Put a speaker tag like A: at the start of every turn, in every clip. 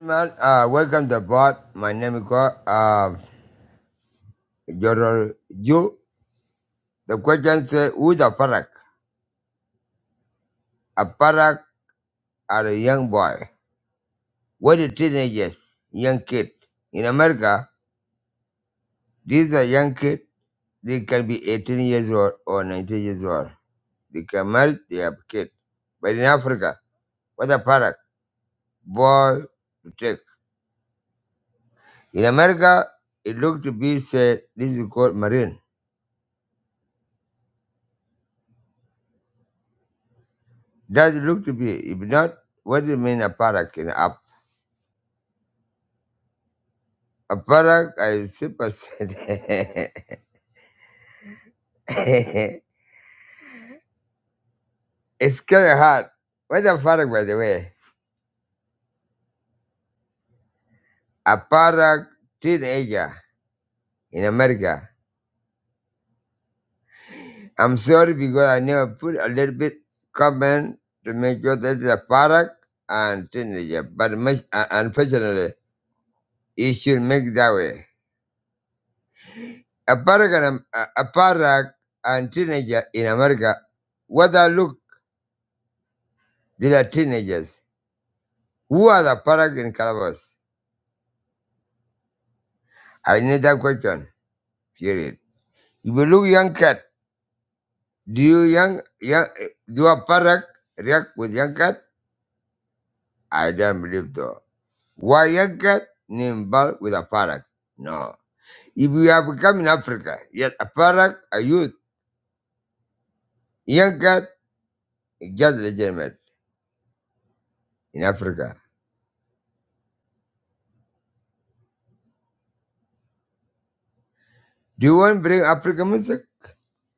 A: Man, uh, welcome to the board. My name is God. Uh, your, you. The question says, who's a parak? A parak are a young boy. What is teenagers? Young kid. In America, these are young kid. They can be 18 years old or 19 years old. They can marry, they have kid. But in Africa, what a parak? Boy to take. In America, it looked to be said, this is called marine. Does it look to be? If not, what do you mean a parak in Africa? Aparak, I see percent. it's kind of hard. What's a fuck, by the way? A Aparak teenager in America. I'm sorry because I never put a little bit comment to make sure that the Aparak and teenager. But much, uh, unfortunately, it should make that way. A Aparak and um, uh, Aparak and teenager in America. What I look, these are teenagers. Who are the Aparak in Calabas? I need that question. Period. If you look young cat, do you young young eh, do a parrot react with young cat? I don't believe so. Why young cat name ball with a parrot? No. If we have become in Africa, yet a parrot, a youth, young cat is just legitimate in Africa. Do you want to bring African music?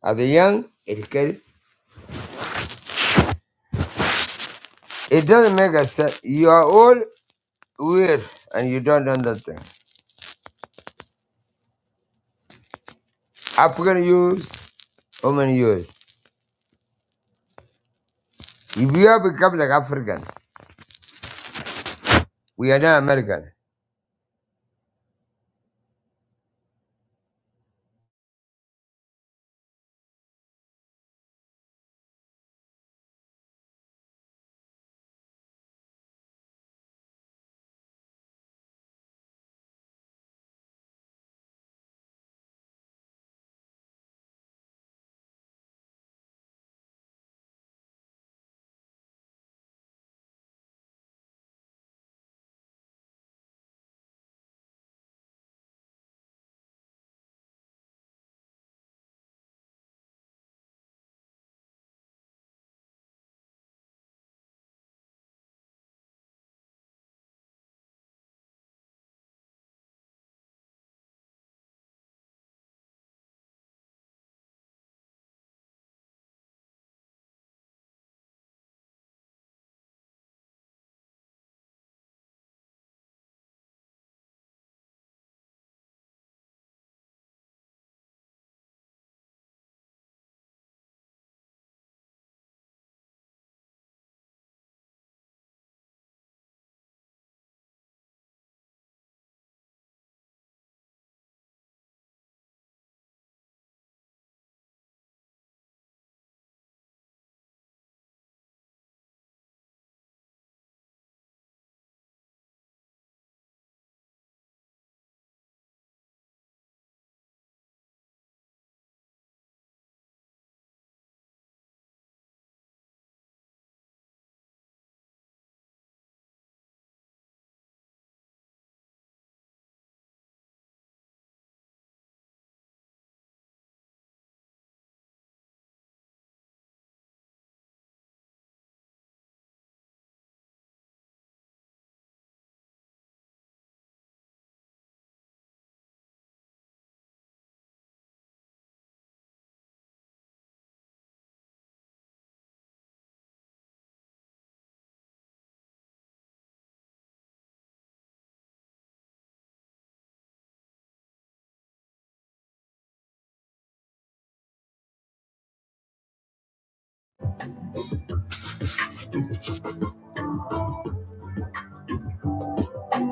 A: Are the young educated? It doesn't make a sense. You are all weird and you don't understand. African youth, how many years? If you have become like African, we are not American.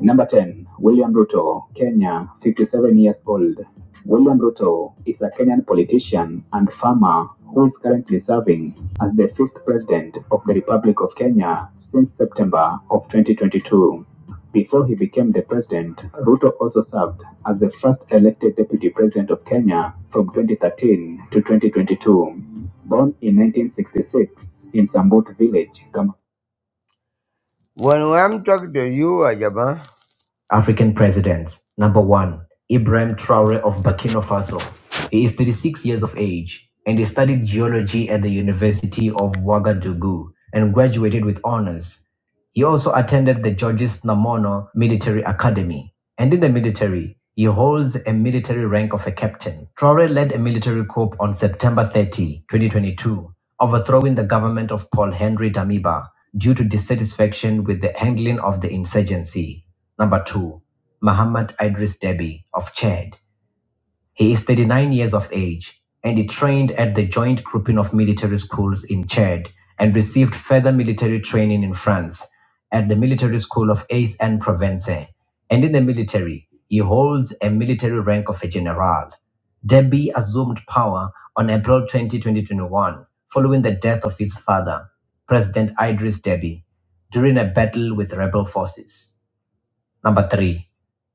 A: Number 10, William Ruto, Kenya, 57 years old. William Ruto is a Kenyan politician and farmer who is currently serving as the fifth president of the Republic of Kenya since September of 2022. Before he became the president, Ruto also served as the first elected deputy president of Kenya from 2013 to 2022. Born in 1966 in Sambut village, Kam- When I'm talking to you, Ajaba. African Presidents Number one, Ibrahim Traore of Burkina Faso. He is 36 years of age and he studied geology at the University of Ouagadougou and graduated with honors. He also attended the Georges Namono Military Academy. And in the military, he holds a military rank of a captain. Traore led a military coup on September 30, 2022, overthrowing the government of Paul Henry Damiba due to dissatisfaction with the handling of the insurgency. Number two, Muhammad Idris Deby of Chad. He is 39 years of age and he trained at the Joint Grouping of Military Schools in Chad and received further military training in France at the Military School of Aix and Provence. And in the military, he holds a military rank of a general. Deby assumed power on April twentieth, 20, 2021, following the death of his father, President Idris Deby, during a battle with rebel forces. Number three,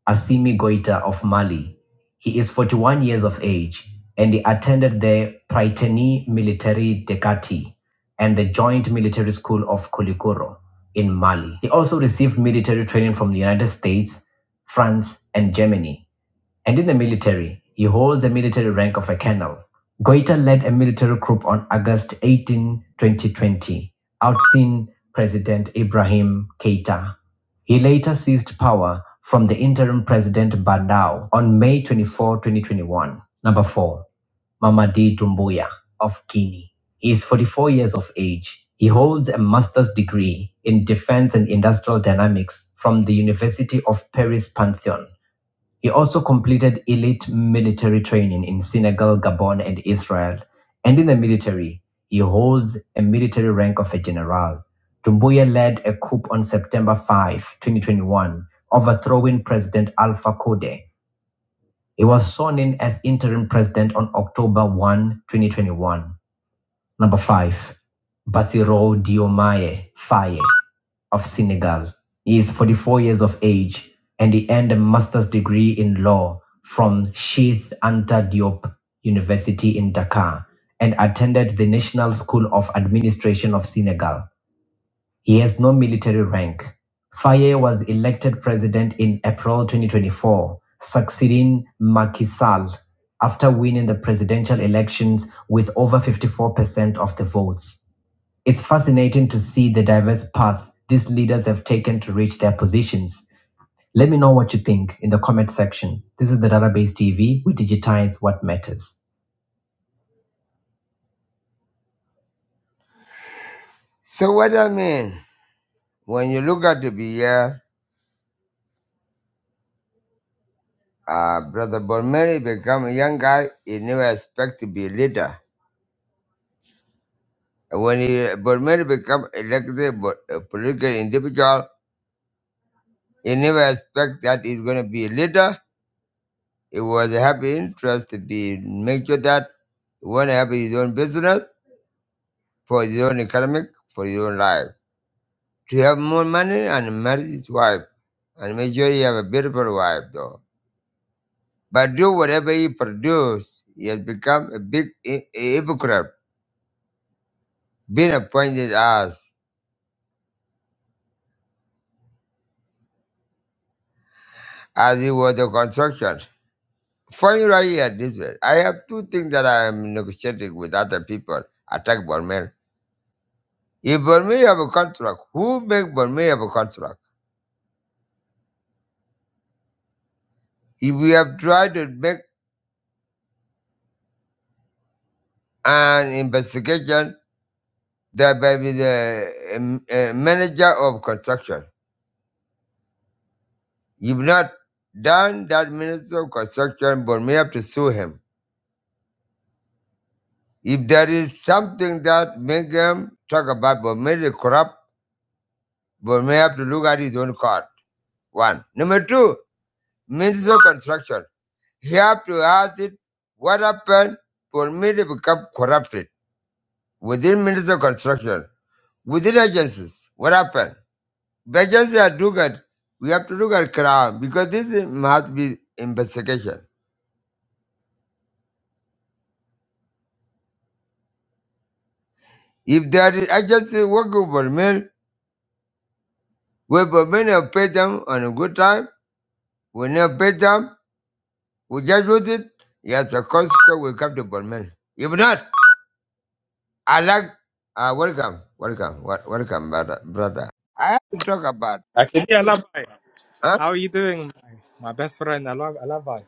A: Assimi Goita of Mali. He is 41 years of age and he attended the Prytani Military Dekati and the Joint Military School of Kulikoro in Mali. He also received military training from the United States, France, and Germany and in the military, he holds the military rank of a colonel. Goita led a military coup on August 18, 2020, ousting President Ibrahim Keita. He later seized power from the interim president Bandao on May 24, 2021. Number 4. Mamadi Doumbouya of Guinea. He is 44 years of age. He holds a master's degree in defense and industrial dynamics from the University of Paris Pantheon. He also completed elite military training in Senegal, Gabon, and Israel. And in the military, he holds a military rank of a general. Dumbuya led a coup on September 5, 2021, overthrowing President Alpha Conde. He was sworn in as interim president on October 1, 2021. Number five, Bassirou Diomaye Faye of Senegal. He is 44 years of age and he earned a master's degree in law from Sheath Anta Diop University in Dakar and attended the National School of Administration of Senegal. He has no military rank. Faye was elected president in April 2024, succeeding Macky Sall after winning the presidential elections with over 54% of the votes. It's fascinating to see the diverse path these leaders have taken to reach their positions. Let me know what you think in the comment section. This is the Database TV. We digitize what matters. So what I mean, when you look at the beer. Uh, Brother Bormeri become a young guy. He never expect to be a leader. When he Bormeri become elected bo- a political individual, he never expect that he's going to be a leader. It was a happy interest to be make sure that he want to have his own business for his own economic, for his own life. To have more money and marry his wife and make sure he have a beautiful wife though. But do whatever he produce, he has become a big hy- hypocrite, being appointed as. as it was the construction. For me right here, this way, I have two things that I am negotiating with other people, attack Burmel. If Burmel have a contract, who make Burmel have a contract? If we have tried to make an investigation, that by be the um, uh, manager of construction. If not done that minister of construction, Burmel have to sue him. If there is something that make him talk about Burmel corrupt, Burmel have to look at his own card One. Number two, Minister of Construction. He have to ask it what happened for me to become corrupted within Minister of Construction, within agencies. What happened? The agency are look at we have to look at crime because this must be investigation. If there is agency working for me, we for me to pay them on a good time, we never pay them, we just use it, yes, the consequence will come to Burmel. If not, I like uh, welcome, welcome, wel- welcome, brother. brother. I have to talk about
B: Akidi Alabai.
A: huh?
B: How are you doing? My my best friend Ala- Alabai.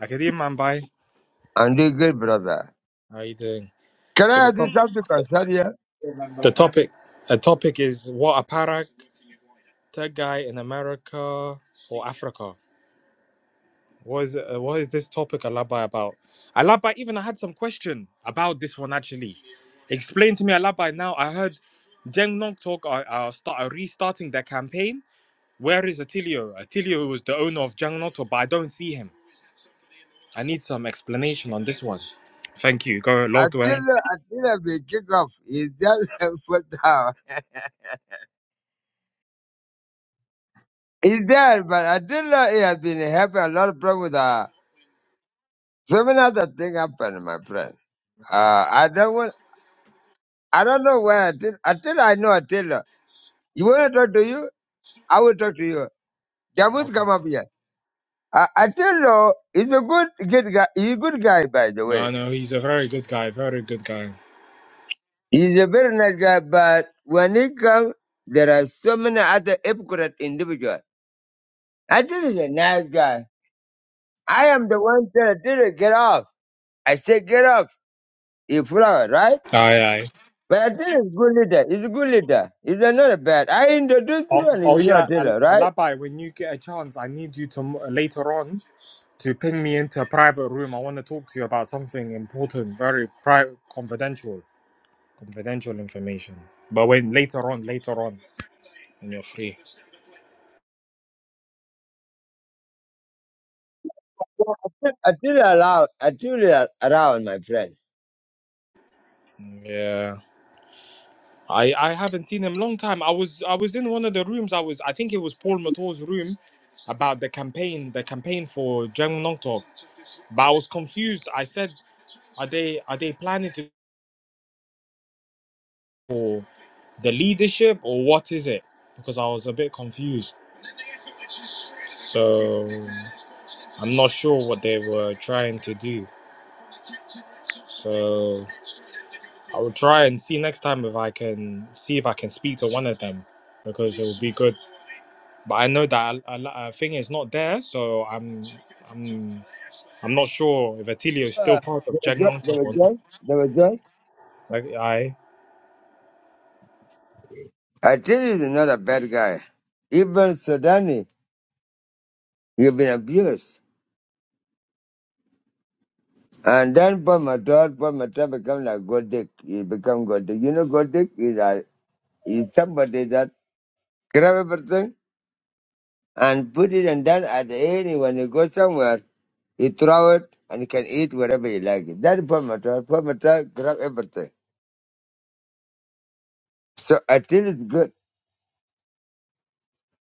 B: Akidi Mambai.
A: and you good brother.
B: How are you doing?
A: Can
B: So the
A: I
B: top,
A: do something concerning you?
B: the topic a topic is what a parak tech guy in America or Africa. What is uh, what is this topic Alabai about? Alabai, even I had some question about this one actually. Explain to me Alabai now. I heard Deng Nok talk are, are, start, are restarting their campaign. Where is Atilio? Atilio was the owner of Jang Noto, but I don't see him. I need some explanation on this one. Thank you. Go log
A: Until
B: away.
A: until we kick off, is that foot down? He's there, but I didn't know he had been having a lot of problem with uh so many other things happened, my friend. Uh I don't want I don't know where I did until I know I tell you. You wanna talk to you? I will talk to you. Jamut
B: Okay.
A: come up here. I, Attilo is a good good guy. He's a good guy, by the
B: No,
A: way.
B: no, he's a very good guy. Very good guy.
A: He's a very nice guy, but when he comes, there are so many other hypocrite individuals. Attilo is a nice guy. I am the one that Attilo get off. I say get off. He flower, right?
B: Aye, aye.
A: But Attilo is a good leader. He's a good leader. He's not a bad. I introduce
B: Oh,
A: you and
B: oh
A: you know
B: yeah, Al-
A: Attilo, right?
B: Labai. When you get a chance, I need you to m- later on to ping me into a private room. I want to talk to you about something important, very private, confidential, confidential information. But when later on, later on, when you're free.
A: Attilo allowed. Attilo around, my friend.
B: Yeah. I I haven't seen him long time. I was I was in one of the rooms. I was I think it was Paul Mator's room about the campaign, the campaign for Jang Nongtok. But I was confused. I said, are they are they planning to for the leadership or what is it? Because I was a bit confused. So I'm not sure what they were trying to do. So I will try and see next time if I can see if I can speak to one of them because it would be good. but I know that a, a, thing is not there, so I'm I'm I'm not sure if Atilio is still
A: Uh,
B: part
A: they
B: of
A: were
B: Jack
A: good. They
B: Talk
A: were
B: or not.
A: good. they were good.
B: Like I
A: I think he's not a bad guy. Even Sudani, you've been abused. And then Paul Matar, Paul Matar become like God Dick. He become God Dick. You know God Dick is, a, is somebody that grab everything and put it and then at the end when you go somewhere, he throw it and he can eat whatever he like. That is Paul Matar. Paul Matar grab everything. So I think it's good.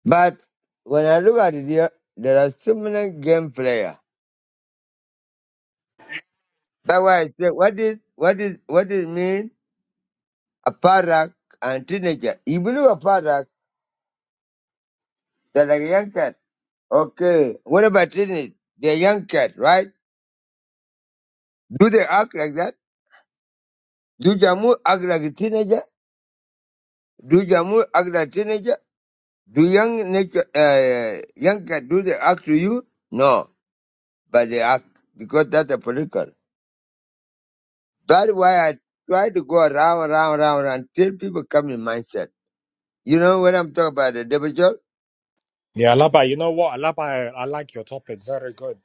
A: But when I look at it here, there are so many game player. That's why I say, what is, what is, what it mean? Aparak and teenager. You believe Aparak, they're like a young cat. Okay. What about teenage? They're young cat, right? Do they act like that? Do Jamu act like a teenager? Do Jamu act like a teenager? Do young nature, uh, young cat, do they act to you? No, but they act because that's a political. That's why I try to go around, around, around until people come in mindset. You know what I'm talking about, the devil Joel?
B: yeah, Alaba, you know what, Alaba, I like your topic, very good.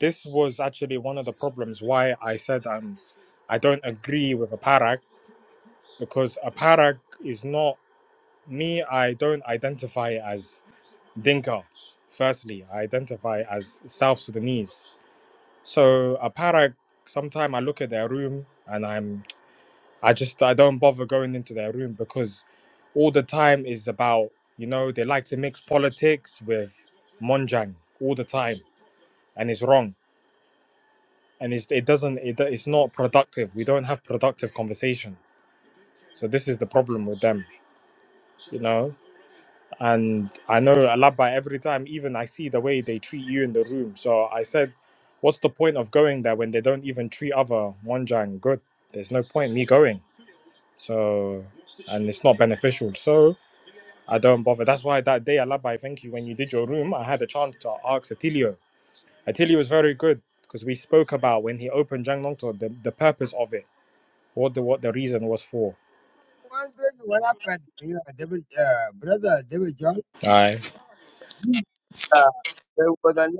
B: This was actually one of the problems why I said um I don't agree with a parak because a parak is not me. I don't identify as Dinka. Firstly, I identify as South Sudanese. So a parak. Sometimes I look at their room and I'm I just I don't bother going into their room because all the time is about you know they like to mix politics with monjang all the time and it's wrong and it's, it doesn't it, it's not productive we don't have productive conversation so this is the problem with them you know and i know alaba every time even i see the way they treat you in the room so i said what's the point of going there when they don't even treat other monjang good there's no point me going so and it's not beneficial so I don't bother. That's why that day, Alabai, thank you. When you did your room, I had a chance to ask Atilio. Atilio was very good because we spoke about when he opened Jang Nongto, the, the purpose of it, what the what the reason was for.
A: One thing, what happened, you know, devil, uh, brother, devil Joel?
B: Aye.
A: Uh, the Ugandan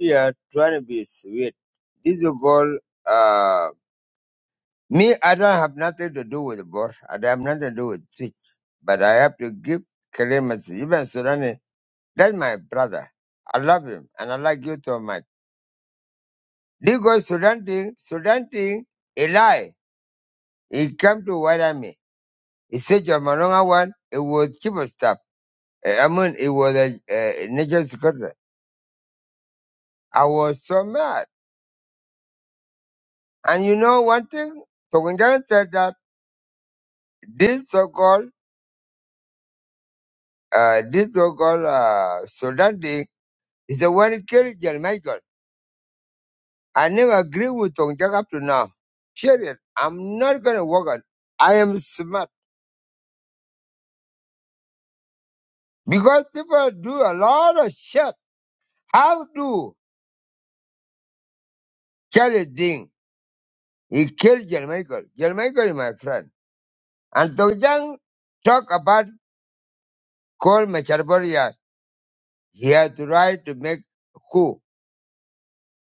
A: they are trying to be sweet. This is called, uh, me, I don't have nothing to do with the board. I don't have nothing to do with Twitch. But I have to give clemency. Even Sudan, that's my brother. I love him and I like you so much. This guy Sudan thing, Sudan a lie. He came to white army. He said, your Malonga one, it was cheap stuff. Eh, I mean, it was a, a national security. I was so mad. And you know one thing? Tokundang said that this so-called, uh, this so-called uh, Sudan thing is the one who killed John Michael. I never agree with Tokundang up to now. Period. I'm not going to work on I am smart. Because people do a lot of shit. How do Charlie Ding? He killed John Michael. John Michael is my friend. And Tokundang talk about Cole Macharboria. He had the right to make a coup.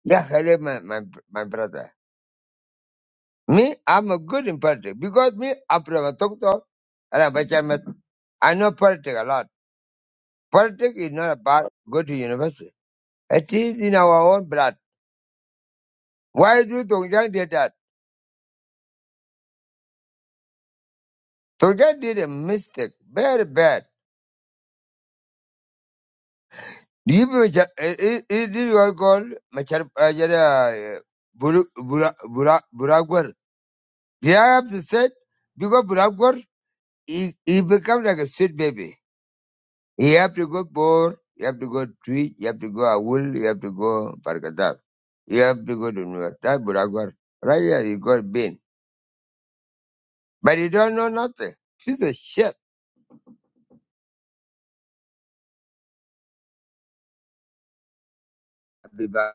A: Yeah, hello, my, my, my brother. Me, I'm a good in politics because me, after I talk to and I bet you I'm a- chairman. i know politics a lot. Politics is not about go to university. It is in our own blood. Why do Tongjang did that? Tongjang did a mistake, very bad. Do you mean it it- it is your goal, Machar uh, Jada, uh, Buru- Bura- Bura- Buragwar? Did I have to say because Buragwar he, he become like a sweet baby. You have to go Bor, you have to go Tweed, you have to go Awul, you have to go Bargadal. You have to go to New York. That Buragwar. Right here, you got Ben. But you don't know nothing. She's a shit. Biba. back.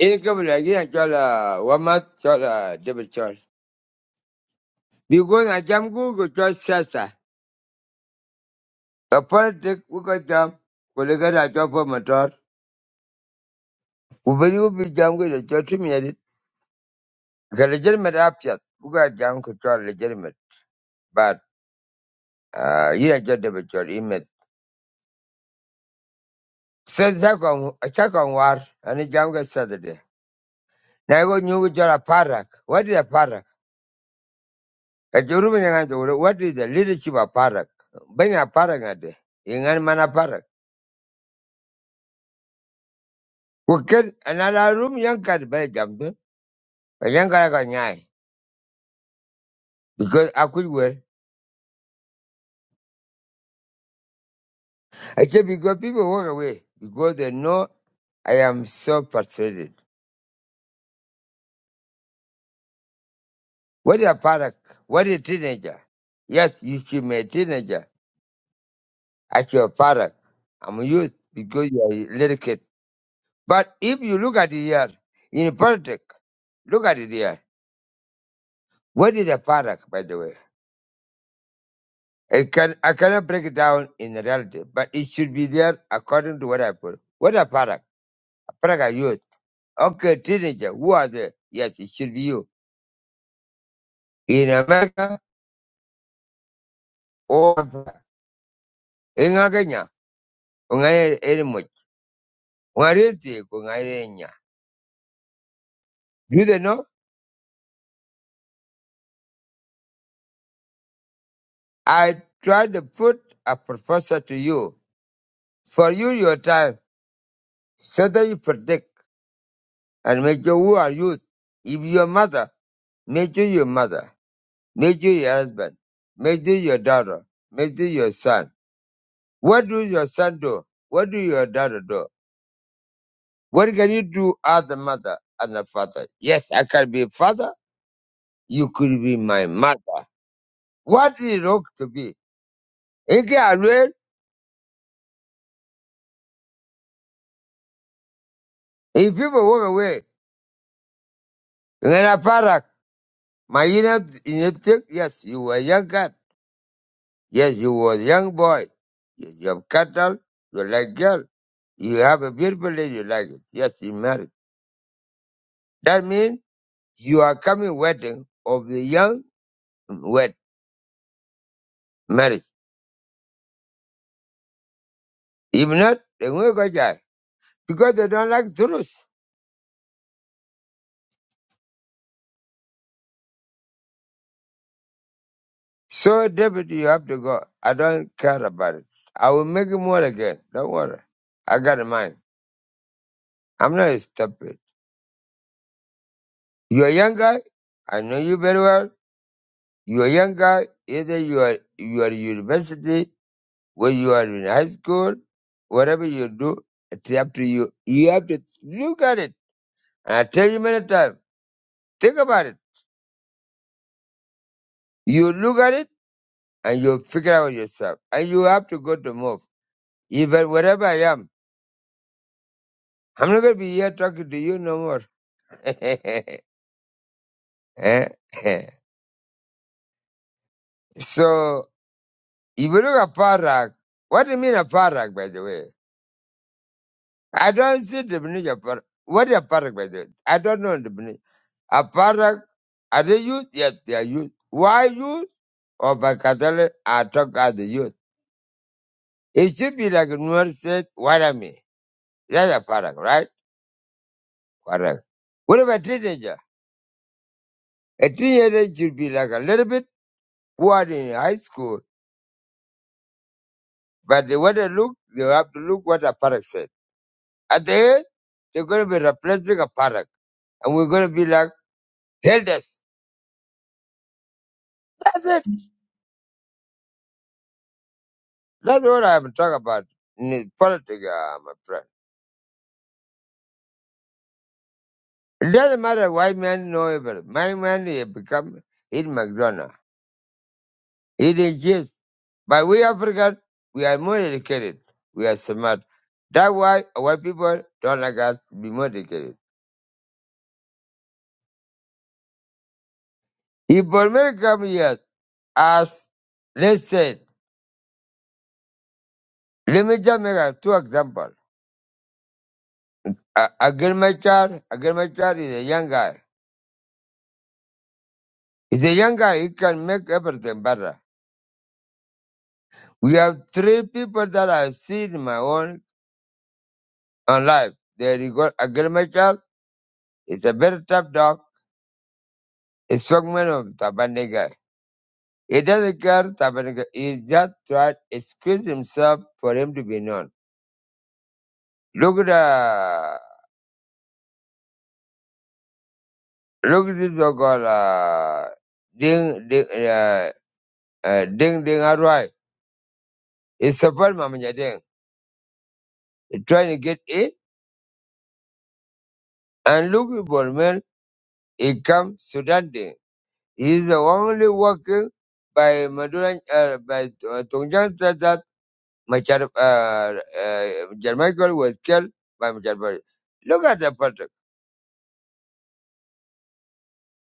A: In a couple again, I call uh, Wamat, call uh, David Charles. Because I jam Google, call Sasa. A politic, we got jam. We look at job for motor. We will be jam with a church minute. A legitimate up yet. We got jam control legitimate. But, uh, you are just David Charles. So second, second war, and it jam get Saturday. Now I go new job a parak. What is a parak? A Joruba yang itu, what is the leadership of parak? Banyak parak ada. Ingat mana parak? Bukan another room yang kan balik jam tu. Yang kan kau nyai. Because I could well. I say because people walk away because they know I am so frustrated. What is a parak? What is a teenager? Yes, you should be a teenager. Actually, a parak. I'm a youth because you are a little kid. But if you look at it here, in politics, look at it here. What is a product, by the way? I can I cannot break it down in reality, but it should be there according to what I put. What a product? A product are youth. Okay, teenager, who are they? Yes, it should be you. In America or Africa. in Kenya, ungaye elimu, ungariti, ungaye nya. Do they know? I tried to put a professor to you for you your time so that you predict. and make sure who are you. If your mother, make sure your mother, make sure your husband, make sure your daughter, make sure your son. What do your son do? What do your daughter do? What can you do as a mother and a father? Yes, I can be father. You could be my mother. What is wrong to be? In case I will, if people walk away, in a parak, my inner, in your tick, yes, you were a young cat. Yes, you were a young boy. Yes, you have cattle, you like girl. You have a beautiful lady like it. Yes, you married. That means you are coming wedding of the young wed marriage. If not, they will go die because they don't like truth. So David, you have to go. I don't care about it. I will make him more again. Don't worry. I got a mind. I'm not stupid. You're a young guy. I know you very well. You're a young guy. Either you are you are university When you are in high school, whatever you do, it's up to you. You have to look at it. And I tell you many times, think about it. You look at it and you figure out yourself. And you have to go to move. Even wherever I am, I'm not going to be here talking to you no more. Eh? so, if you look at Parak, what do you mean a Parak, by the way? I don't see the definition of Parak. What is a Parak, by the way? I don't know the definition. Aparak, are they youth? Yes, they are youth. Why youth? Or Bakatale are talk as the youth. It should be like Nuer said, what I mean. That's a Aparak, right? Correct. What about teenager? A teenager should be like a little bit who are in high school, but they want to look, they have to look what a Aparak said. At the end, they're going to be replacing a Aparak, and we're going to be like elders. That's it. That's what I'm talking about in politics, uh, my friend. It doesn't matter white man know evil. My man he become eat McDonald. It is yes. But we African, we are more educated. We are smart. That's why white people don't like us to be more educated. If Bolmel come here as let's say, let me just make a two example. A, a girl my child, a girl my child is a young guy. He's a young guy, he can make everything better. We have three people that I see in my own, own life. There you go, a girl It's a very tough dog. It's fragment of Tabaniga. He doesn't care Tabaniga. He just tried to excuse himself for him to be known. Look at uh, look at this dog called uh, Ding Ding uh, uh, Ding Ding Arwai. He support Mama Ding. He trying to get in, And look at Bolman. He come Sudan Ding. He's the only working by Maduran uh, by uh, Tongjang Machar, uh, uh, John Michael was killed by Machar Bari. Look at the politics.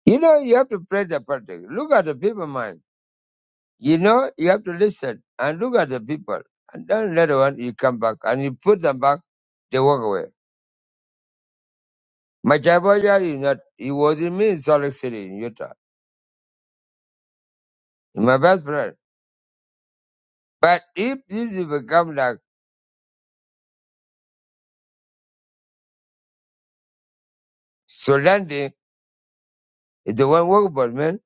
A: You know, you have to pray the politics. Look at the people mind. You know, you have to listen and look at the people. And then later on, you come back and you put them back, they walk away. Machar Bari is not, he was in me in Salt Lake City in Utah. He's my best friend. But if this is become like Solandi, is the one workable man,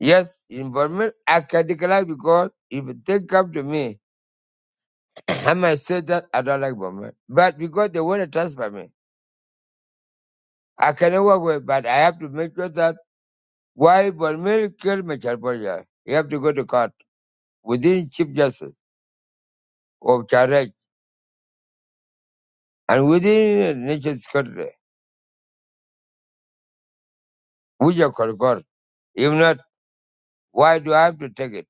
A: yes, involvement, I can decline because if they come to me, I might say that I don't like Bournemouth, but because they want to transfer me, I cannot work with. But I have to make sure that why Bournemouth killed Michel Borja, you have to go to court within Chief Justice of Charge and within National Security, which you call court. If not, why do I have to take it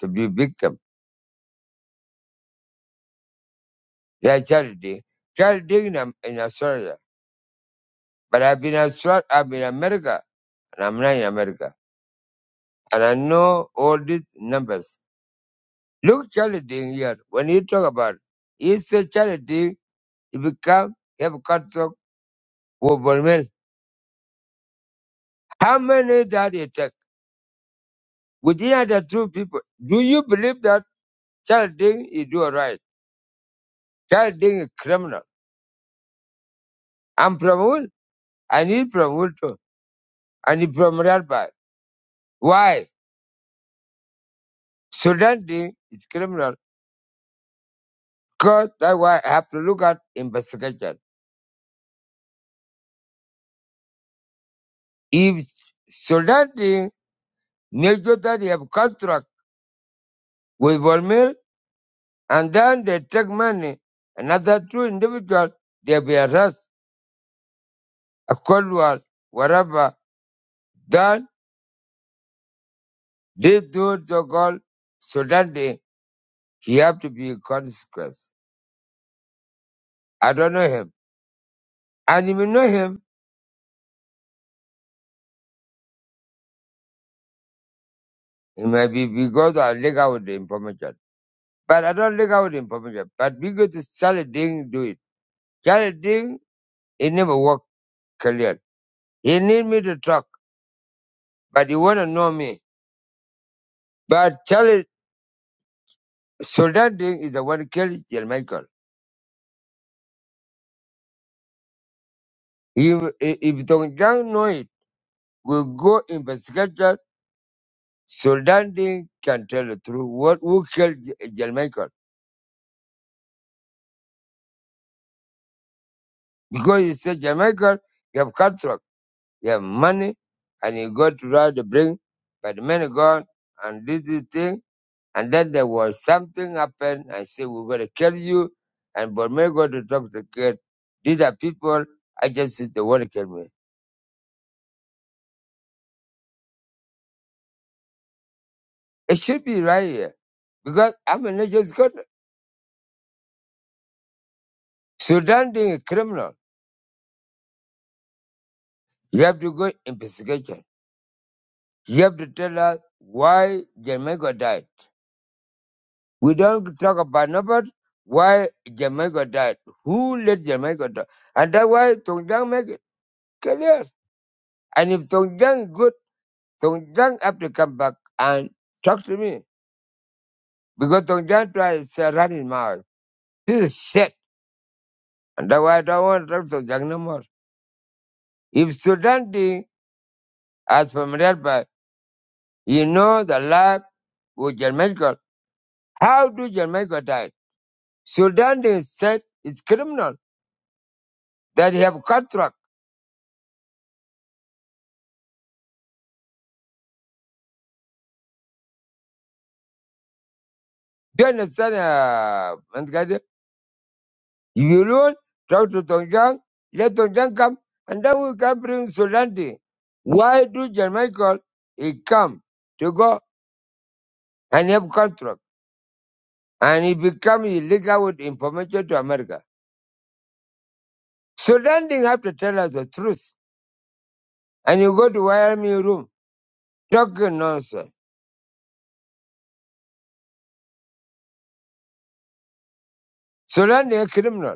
A: to be victim? They are charity, charity in, Am- in Australia, but I've been Australia, I've been in America, and I'm not in America, and I know all these numbers. Look challenging here. When you talk about it, he said challenging, it become have contract with Bolmel. How many that he take? Within the two people, do you believe that challenging is do right? Challenging is criminal. I'm from Wool. I need from Wool too. And he's from Radby. Why? Sudan Ding is criminal. Because that's why I have to look at investigation. If Sudan Ding make sure that he have contract with Bolmel, and then they take money. Another two individuals, they be arrested, a cold war, whatever. Then they do the goal so that they, he have to be consequence. I don't know him. And if you know him, it might be because I leak out the information. But I don't leak out the information. But because Charlie Ding do it. Charlie Ding, it never worked clear. He need me to talk, but he want to know me. But Charlie, Soldat Ding is the one who killed Jermichael. If, if Dongjiang know it, we go investigate that, so that they can tell the truth. What who killed J- Jamaica? Because he said Jamaica, you have contract, you have money, and you go to ride the bring, but the man gone and did this thing, and then there was something happened and say we're gonna kill you, and Burmay go to talk to the kid. These are people I just said they wanna kill me. It should be right here because I'm a nature's god. Sudan being a criminal. You have to go investigation. You have to tell us why Jamaica died. We don't talk about nobody. Why Jamaica died? Who let Jamaica die? And that's why Tong Jiang make it clear. And if Tong Jiang good, Tong Jiang have to come back and talk to me because Tong Jiang try to run his mouth. This is shit, and that's why I don't want to talk to Tong Jiang no more. If Sudan did, as from Redbar, you know the life with Jamaica. How do Jamaica die? Sudan they said it's criminal that he have contract. Do you understand, uh, Mangadi? You alone talk to Tongjang, let Tongjang come, and then we can bring Sudan. Why do John Michael he come to go and have contract and he become illegal with information to America? Sudan have to tell us the truth. And you go to Wyoming room talking nonsense. Sudan they criminal.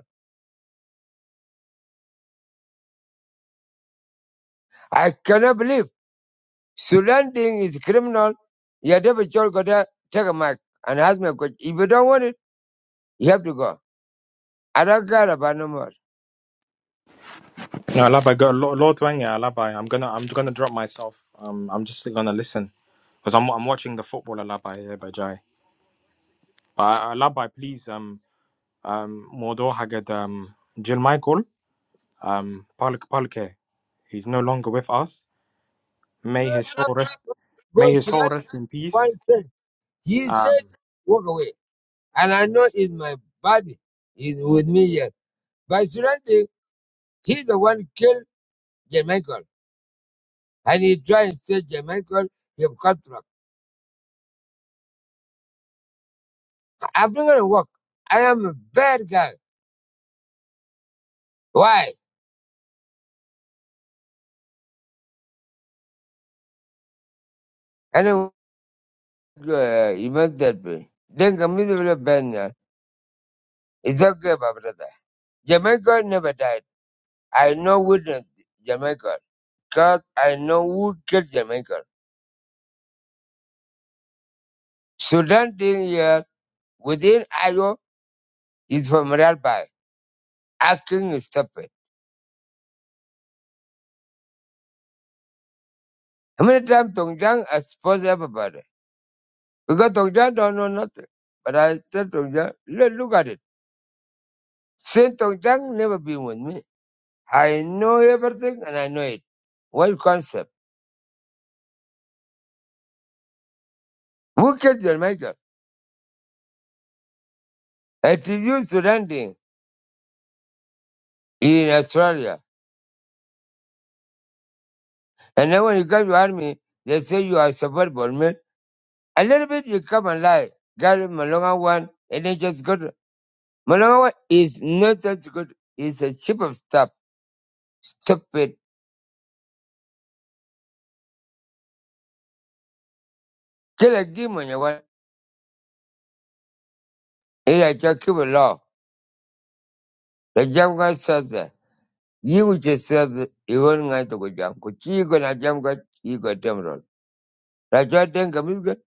A: I cannot believe. Surrendering is criminal. Your devil child got there, take a mic and ask me a question. If you don't want it, you have to go. I don't care about no more.
B: No, Alabai, go Lord Lord Wanya, Alabai. I'm gonna I'm gonna drop myself. Um, I'm just gonna listen because I'm I'm watching the football, Alabai, yeah, by Jai. But uh, Alabai, please, um, um, Modo Hagad, um, Jill Michael, um, Palk Palke. He's no longer with us.
A: No
B: May
A: know,
B: his soul rest.
A: go
B: May his soul
A: Sudan
B: rest in peace.
A: one thing. He said,
B: Um,
A: walk away. And I know it's my body is with me here. But surrendering, he's the one who killed Jamaica. And he tried and say Jamaica, you've got I'm not going to walk. I am a bad guy. Why? And then, uh, he meant that way. Then come with a band. It's okay, my brother. Jamaica never died. I know who did Jamaica. God, I know who killed Jamaica. Sudan thing here within Iowa is from Ralbai. Acting is stupid. How many times Tongjiang exposed everybody? Because Tongjiang don't know nothing. But I tell Tongjiang, look, look at it. Since Tongjiang never been with me, I know everything and I know it. What concept? Who killed Jamaica? It is you, Sudan thing in Australia. And then when you come to army, they say you are supportable man. A little bit you come and lie. Gary Malonga one, and they just go to Malonga one is not that good. It's a cheap of stuff. Stupid. Kill a game on your one. It's like your keep a law. The jam guy says that. You which is said that you won't going to go jam. Could you go to jam guy? You got damn roll. That's what then comes good.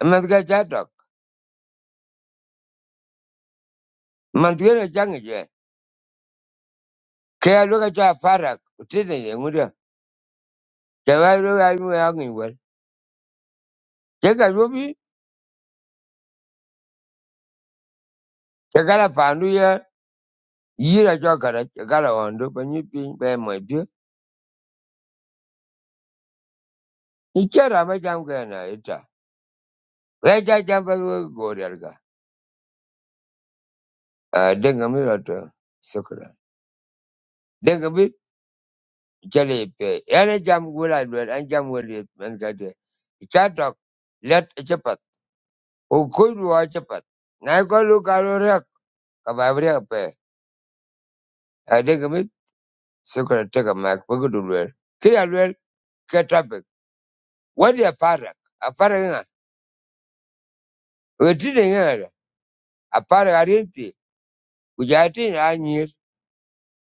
A: A man's got that dog. Man's going to jang it. yeah. Kaya look at your farak. Utina, Mudia. Java, I'm hanging well. Take a ruby. Chikala pandu ye yira chokara chikala hondo panyi piny pe mwepyo. Ichera macham kena ita. Vecha chamba gorelga. Denga mi rato sukra. Denga mi chale pe. Yana cham gula dwel an cham wali man kate. Ichatok let chapat. Ukuru wa chapat. Nai ko lu kalu rek. Kababri pe. Ah Denga mi sukra teka mak pagudulwer. Kira lwer ketapik. Wadi aparak. Aparak nga. Wetine nga. apare arieti kujati na anyir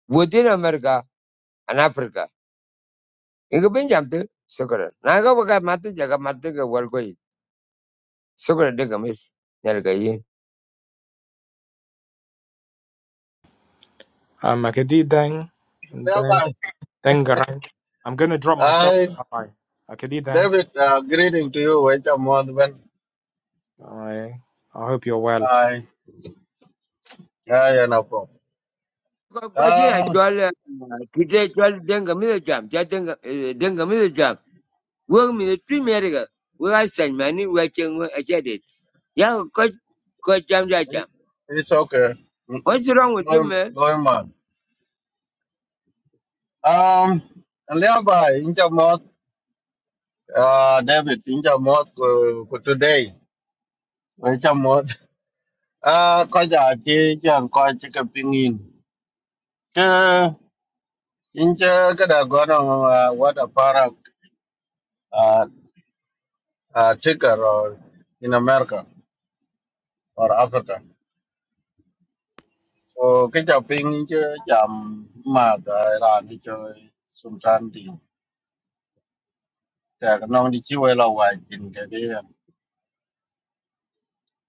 A: within america and africa inga benjam te sokora na ga baka matu jaga matu ga wal koi sokora de gamis nyal ga yin
B: am Akedi Deng, Deng,
C: Thereby,
B: Deng Garang. I'm going to drop myself.
C: I,
B: Bye. Akedi Deng.
C: David, uh, greeting to you, Waiter Modman.
B: All right. I hope you're well.
C: I, I, and Apo.
A: ko ko ji a
C: Uh,
A: denga mi jam ja denga eh, denga mi jam wo mi tu meriga wo ai san mani wo chen wo a ya ko ko jam ja
C: it,
A: jam
C: it's okay.
A: what's wrong with you
C: Going,
A: man
C: going on. Um, thereby, Inja Mod, uh, David, Inja Mod, ku ku today, Waiter Mod. Uh, koja chi chang koi chika pingin. Ke, inja kada gono, uh, what a product, uh, uh, chicken or in America or Africa. Ồ, cái chào ping chứ chậm mà tại là đi chơi xung quanh đi chả có non đi chiêu hay là hoài chỉnh cái đi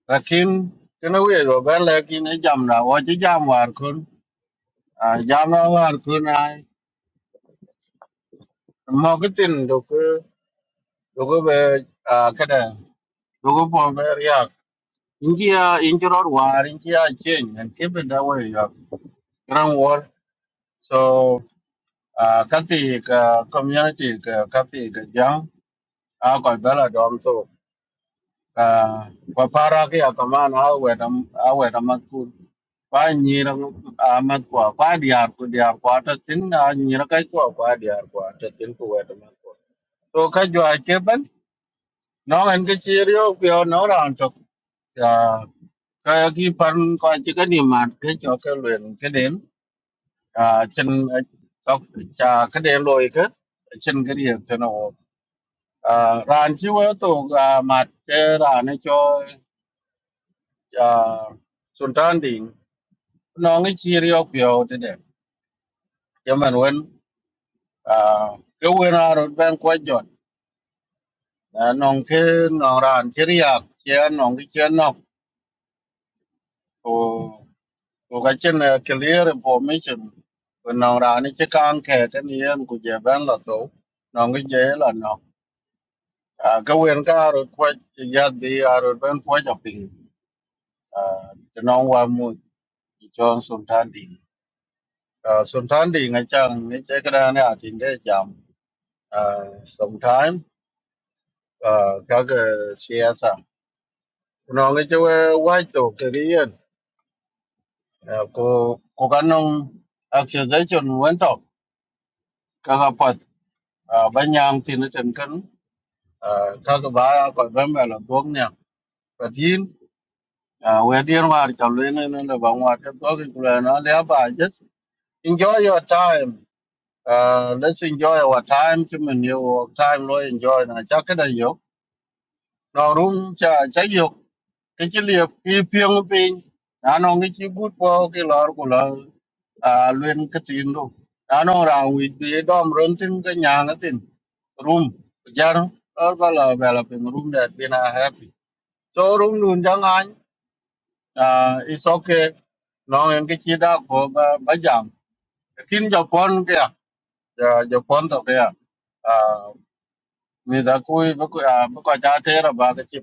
C: là khiến cái nó về rồi bé là khi nó chậm là ô chứ chậm hoàn khôn à chậm nó hoàn khôn ai mà cái tin được cái được cái về à cái này được cái phòng về riak in kia in kia rồi hoài in kia change and keep it that way rồi grand war so à cái gì cái community cái cái gì cái giang à còn bé là đom Ah, kwa para ke ya kaman a weta a weta mat ku pa nyira a mat kwa pa diar ku diar kwa ta tin a nyira kai kwa pa diar kwa ta tin ku weta mat kwa to ka jo a ke ban no an ke chi ryo no ran to a ka ki par ko chi ka ni mat ke jo ke luen ke den a chen ka cha ka den loi ke chen ke ri te no a ran chi wo to mat ke ran cho. uh, Sultan Ding, no, it's here you go today. German when, uh, go when out of Ben Quajon, and on Kin or Antiria, Chian on the Chianok, or Gachin a clear information. When on Ranichi can't get any and could you ban Lato, Nongi jail or no. Uh, go when car or quite yet be out of Ben Quajoping, uh, the non one mood, John Sultan Ding. Uh, sometimes thì ngay chang ngay chế cái đó này thì cái jam uh, sometimes uh, các cái xe sang nó ngay chế quay tổ cái đi yên cô cô cái nông accusation vẫn tổ các cái phật uh, bên nhang thì nó chân cấn uh, các cái bà còn vẫn mà là làm thuốc nha và thiên uh, về thiên hòa thì chẳng lên nên là bằng hòa cái thuốc cái là nó lẽ bà just enjoy your time uh, let's enjoy our time chứ mình nhiều time rồi enjoy là chắc cái này hiểu nó rung chả chả dục cái chỉ liệp cái phiêng pin nó nó cái chỉ gút vào cái lọ của lọ à luyện cái tin đâu nó nó ra vì cái đom run tin cái nhà nó tin room giờ nó có là về là pin room đẹp pin là happy so room luôn chẳng anh à it's okay nó em cái chỉ đã có ba ba giảm tin Japan kìa Giờ Japan sao kìa à mình đã cúi với cúi à với cúi cha thế là ba cái chỉ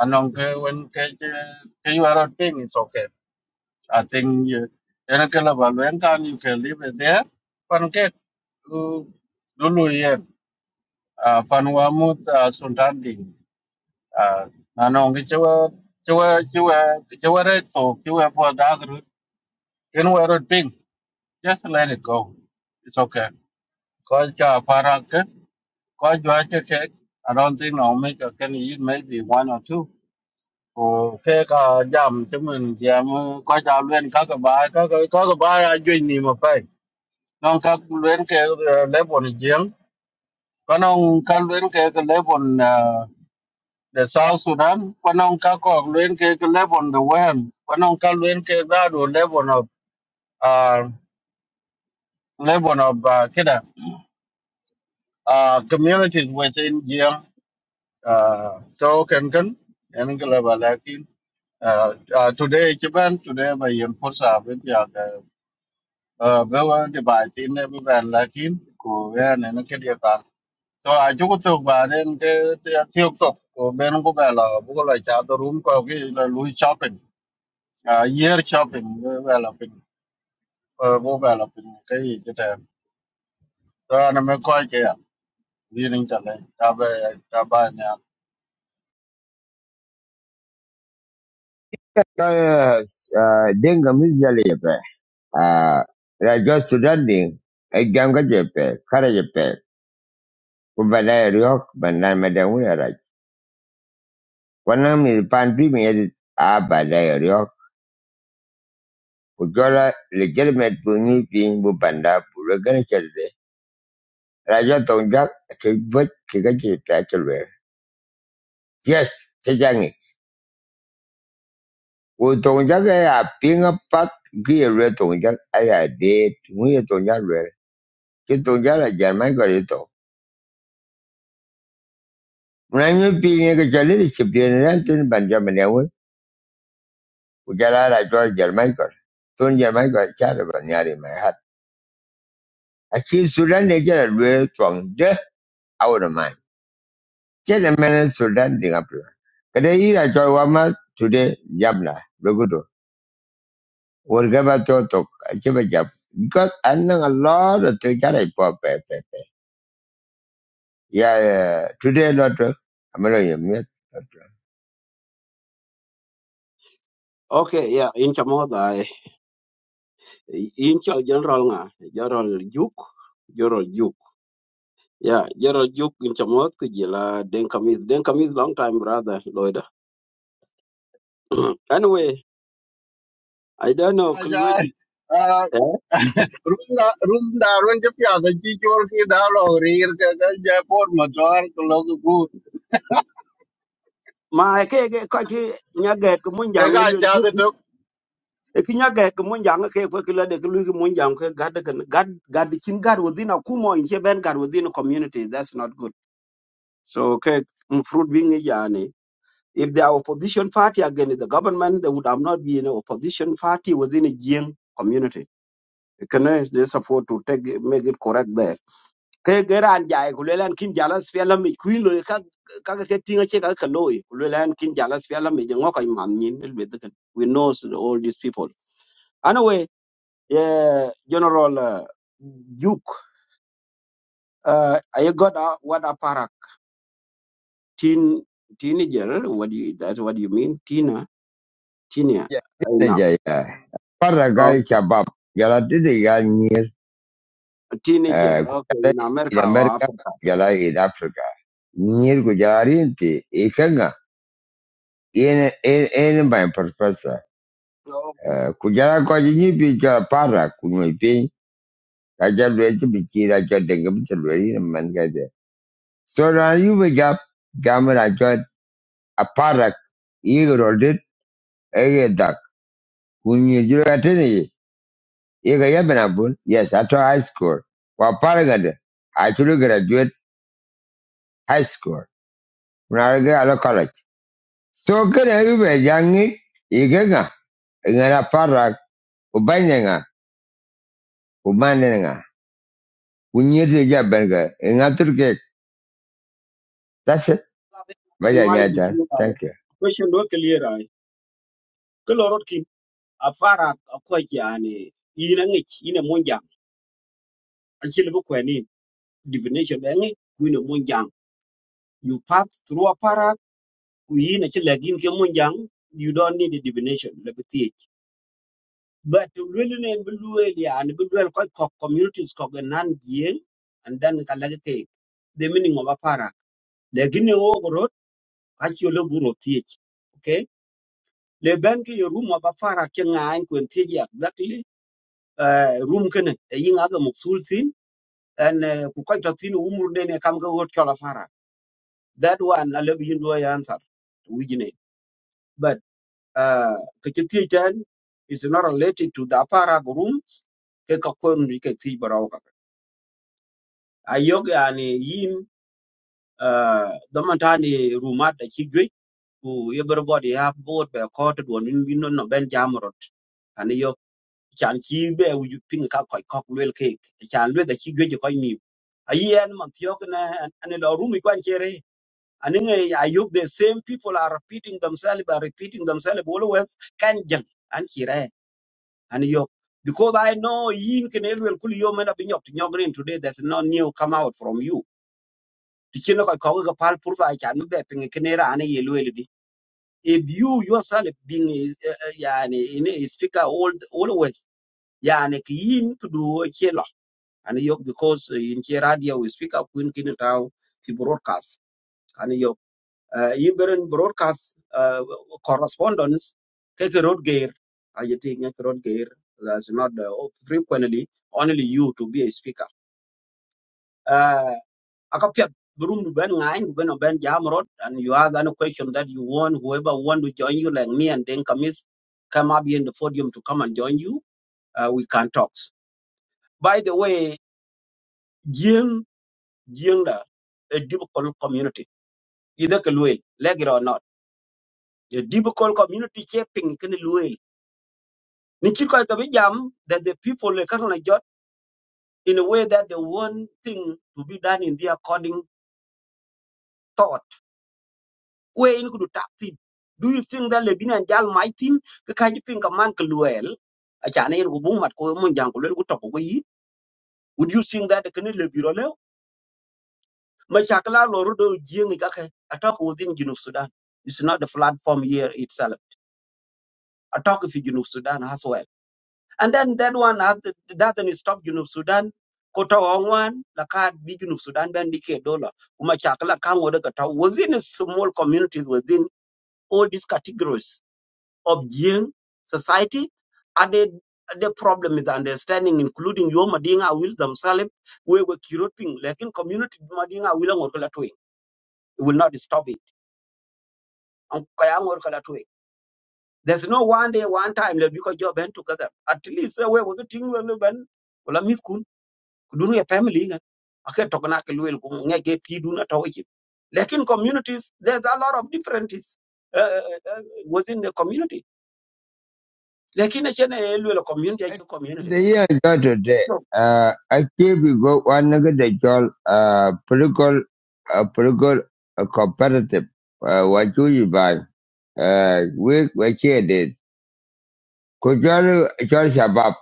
C: Anong ke when ke ke you are a thing it's okay. I think you ena ke la balwen kan you can live it there. Pan ke lu lu ye pan wa mut ah, sultan ding. Ah, Anong ke chewa chewa chewa chewa re to chewa po da gru ken wa ro thing just let it go. It's okay. Because cha para ke ko jwa ke ke I don't think I'll make a can eat maybe one or two. Okay, ka jam temen jam ko ja luen ka ka ba ka ka ka ka ba ya jwe ni ma pai. Non ka luen ke le bon jeng. Ka non ka luen ke ke le bon de South Sudan. Ka non ka ko luen ke ke le bon de Wen. Ka non ka luen ke da do le bon of uh le bon of uh, kida uh communities within jeng uh so can can. en ke le ba la kin. Uh, uh, today Japan today by Yen Posa ờ với cái cái bài tin này với bạn là tin của cái này nó cái địa bàn cho ai chú có thuộc bà nên cái cái thiếu tục của bên nó có vẻ là bố có lời chào tôi shopping à year shopping với vẻ là bình ờ bố vẻ là bình cái gì cái thèm cho nên mới coi kìa đi lên trở lên ta về ta
A: Ja, denga mi ah ra jo sudan ding ai jam ga وبدأ اليوك بنان مدعون رج ونام يبان بي ميد آ بدأ اليوك وجولا لجل مدبوني في مبندا بلغن شلده راجع تونجاك كيبوت كيكاكي تاكلوه yes تجاني وتونجاك يا بينا بات gye lwe tongja aya de muye tongja lwe ke tongja la jama ko le to na nyu pi ne ke chale le chipye ne ran tin banja me ujala la jo jama ko ton jama ko cha le Akhir sudan dia jalan dua tuang deh awal ramai. Jalan mana sudan dengan pula. Kada ira jual wama today jam lah. Begitu. Warga batu tok coba jam. Because anang Allah tu terjadi apa apa. Ya eh, today lot. Amalo ya miat.
D: Okay, yeah, in Chamoda, eh, in General nga, General Duke, General Duke. Yeah, General Duke in Chamot kujila den kamis, den kamis long time brother Lloyd. anyway, I don't know Kulwin.
C: à
D: Eh?
C: room da room da room chấp nhận the chi chua cái đó là rìa cái cái jaipur mà cho ăn cái lô cái
D: Ma eh, ke ke ka ki nyaget ko mun jang elul bu.
C: bún
D: E ki nyaget ko mun ke ko kila de kulu ki mun jang ke gad kan gad gad chin gad within a kumo in ben gad within a community that's not good. So ke mm, fruit being jani If they are opposition party against the government, they would have not been an opposition party within a Jiang community. Can they just afford to take make it correct there? Ke jai kulelan kin jalas fiala mi kuin lo ka ka ka tinga che ka ka lo kulelan kin jalas fiala mi jango ka man nyin el be de we know all these people anyway yeah general uh, juk uh, i got a, what a parak teen teenager what do you that's what you mean tina tina
A: Ya
D: i
A: ini
D: know
A: aja ya. Para
D: Um,
A: gay kebab. Jalan tu dia nyir.
D: A teenager,
A: Eh, ku
D: okay, in America
A: di
D: or
A: Amerika.
D: Africa.
A: Jalan di Afrika. Nyir ku jari inti. Ikan ga. Ini ini ini banyak purpose.
D: Okay.
A: kujala ko ji bi ka para kunwe pe ka ja lwe ji bi ra jo de ga lwe ri na man ga de so ra yu bi ga ga ma ra jo a para i ro de e ga da kunye ji ra te e ga ya bana bun yes ato high school wa para ga de a chu graduate high school na ra ga ala college so ga yu be ja ngi i ga ga nga para u nga u ma ne nga kunye ji ja ben ga nga tur ke that's it.
D: It
A: Baja
D: might be
A: Nyata.
D: true. I
A: Thank you.
D: question do clear I. Kelo rot kim afara akwa yani ina ngich ina monjang. Achile bu kweni divination bengi ina monjang. You pass through a parak ina chile gin ke monjang. You don't need a divination. Lebi thiech. But really ne buluel yani buluel koi kok communities kok e nan jieng and then kalagi ke the meaning of a parak. Legine achielo buro thiech okay le ben ke yo room aba fara ke ngain kwen thiech exactly uh, room kene e yinga ga muksul sin and uh, ku koy to tin umur de ne kam ga wot kala fara that one a lebi yin your answer wigine but uh, ke is not related to the apara rooms ke ka kon ri ke thiech barau ka ayog yani yin uh, domantani rumat da chi ku everybody have vote be court won in bin no ben jamrot ani yo chan chi be u ju ping ka koi kok lwel ke chan lwe da chi gwe ko ni ayi man tiok na ani lo rumi kwan chere ani nge ayuk the same people are repeating themselves by repeating themselves always kan jal an chire ani yo because i know yin ken elwel kul yo mena bin yok nyogrin today there's no new come out from you tichino ko ko ga pal pur sa chan be ping kenera ani ye lwel if you yourself being a, a, a, yani, in a speaker all, always yani kiyin kudu chelo and yok because uh, in che radio we speak up when kin taw fi broadcast and yok uh, iberen broadcast uh, correspondence ke ke road gear ayeti nge road gear that's not uh, frequently only you to be a speaker Uh, akapiat burung du ben ngai du ben no ben jam and you ask any question that you want whoever want to join you like me and then come is come up here in the podium to come and join you uh, we can talk by the way jing jing a difficult community either ke luel like it or not a difficult community shaping can luel ni chi ko jam that the people le kan jot in a way that they want thing to be done in their according thought we in kudu tap tin do you think that lebin and jal my tin ka kaji pin ka man ka luel a cha ne ku bung mat ko mun jang ko lel ku to ko yi would you think that kan lebiro le ma cha kala lo ru do jieng ka ka attack within junub sudan it's not the platform here itself attack fi junub sudan as well and then that one has doesn't stop junub sudan Kota Wangwan, wan la ka bi junub sudan ben bi ke dollar kuma cha kala kan wo daga ta within small communities within all these categories of Jing society. And the, the problem is understanding, including your Madinga will themselves, we were curating, like in community Madinga will work that way. It will not stop it. And kaya ngor kala tuwe. There's no one day, one time, like, because you band together. At least uh, we were getting well, ben, well, I miss kun, kudun a family. gan. Ake tokana ke luel kum ngeke pi dun atawaji. Like in communities, there's a lot of differences uh, uh, uh, within the community. Like in a chene community, a community.
A: The year is not today. Uh, I keep we go one nugget they call uh, political, uh, political uh, competitive. Uh, what do you buy? Uh, we, we share it. Kujalu, Chol Shabab.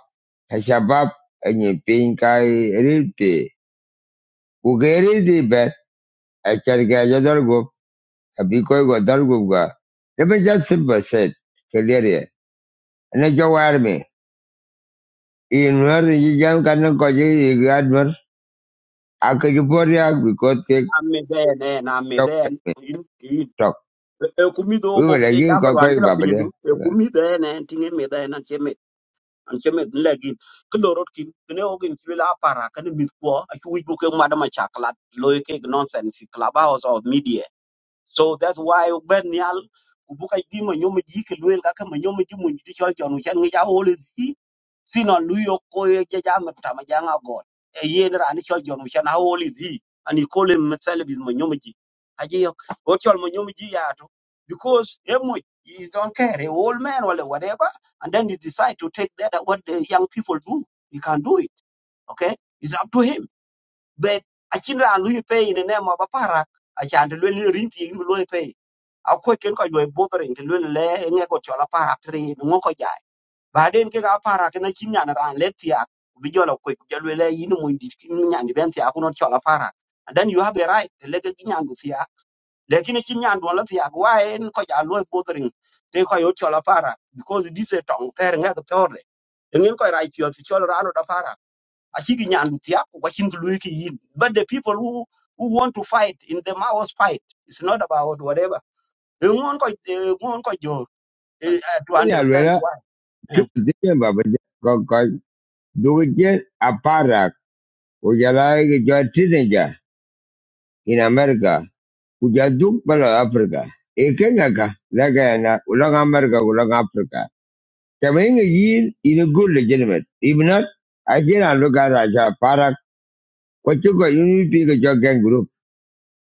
A: Shabab, and you think I read it. Ugeri the best. I can get a go. A big go, go. Let me just simple said. Clear it. And I go army. In where you young can go, you Akajuporiak because they
D: Ami then, then, ami then.
A: covered
D: You, you.
A: talk.
D: Ekumi do
A: We
D: ko
A: were
D: ke
A: like,
D: jamar wan
A: Cocoy
D: kila pinyu.
A: Babade.
D: Ekumi then, then and tinge me then an cheme an cheme legi. Kilorot kin kine ogin chila para kane mitko. Achu wibu ke madam chaklat loike nonsense. fi Clubhouse of media so that's why ben nyal ku buka di ma nyom ji ke luel ka ka ma nyom ji mun ji chol chon chen ngi ja hol si sino lu yo ko ye ja ja ma ta ma ja nga go e ye na ran chol jon chen ha hol si ani ko le ma sel bi ma nyom ji a ji yo o chol ma nyom ji ya to because e mo you don't care a old man or whatever and then you decide to take that uh, what the young people do you can do it okay it's up to him but achin ran lui pay in the name of aparak achan de lui rin ti ni lui pay a ko ken ko lui bothering de lui le nge ko chola parak tri ngo ko jai baden ke ga parak na chin yana ran le ti ak bi jola ko ja lui le yin mo ndi not nyan di ben ti ak no chola parak and then you have the right to leke ki nyan du ti ak lekin chin nyan do la ti ak wa en ko ja lui bothering de ko yo chola parak because this is a tong ter nge ko tore ngin ko right yo ti chola ran da parak achiki nyan tiaku luiki yin but the people who who want to fight in the Mao's fight it's not about whatever ngon ko ngon ko jo eh, eh, to
A: Ni
D: understand
A: alwala,
D: why Eh.
A: kipatikini Babade, Cocoy, Dukitin, Aparak, Ujalai, Joy Teenager in America, Ujaduk Bala Africa. Ekengaka, Lagana, Ulang America, Ulang Africa. Coming a year in a good legitimate. If not, I can look at Raja Parak, what you got, you need to pick a jogging group.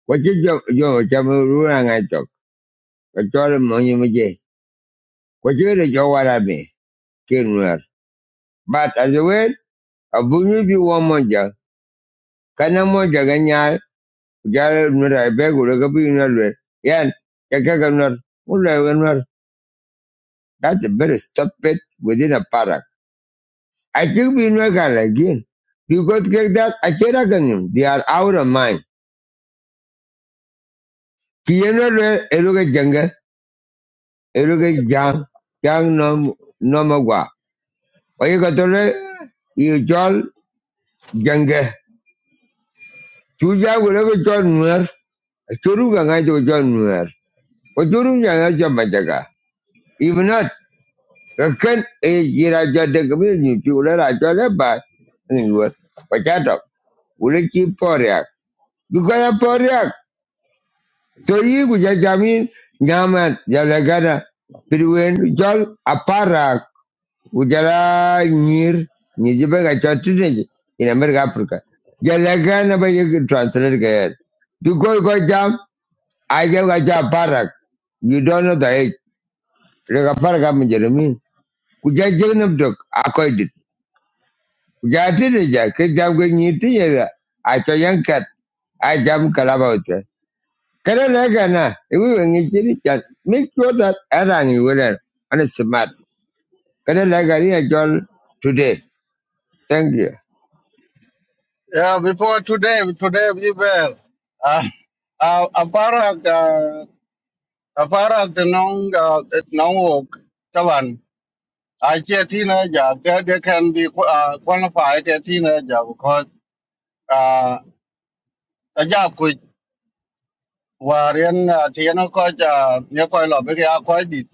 A: What you jo jo chamu rura ngai tok. Kachol kwajere jowarabe kinwer but as a way abunyu bi wo moja kana moja ganya jare nura be gure gabi nalwe yan kaka ganwar mulla ganwar that's a very stupid within a parak i think we know can again because get that i kira ganim they are out of mind kiyenalwe eruga janga eruga jang jang nom nomagwa oyigatole you jol janga chuja gure Churuga ngai tu jual nuar. O churuga ngai jual jaga. Even not kakan eh jira jual dekamir ni tu ular jual lebat ni buat. Pacatok ular ki poriak. Bukan poriak. So ye bukan jamin nyaman jalagana. Pirwen jual aparak. Ujala nyir ni juga kacau tu ni. In America Africa. Jalagan apa yang translate kaya. Bukan kau kau jam ayam kacau aparak. You don't know the age. daga farga mu jeremy ku ja jegnum dok akoy dit ku ja tide ja ke jam go ni tiyera a to yankat a jam kalaba uta kada la gana iwi wengi jini chan make sure that arang you will and it's smart kada la gani a jol today thank you
C: Yeah, before today, today we were uh, uh, a part of the a part the non uh, non work Taban. I see teenager they, they can be uh, qualified as teenager because uh, a job could were in uh, Tiana Coach, uh, near quite a lot, but they are quite deep.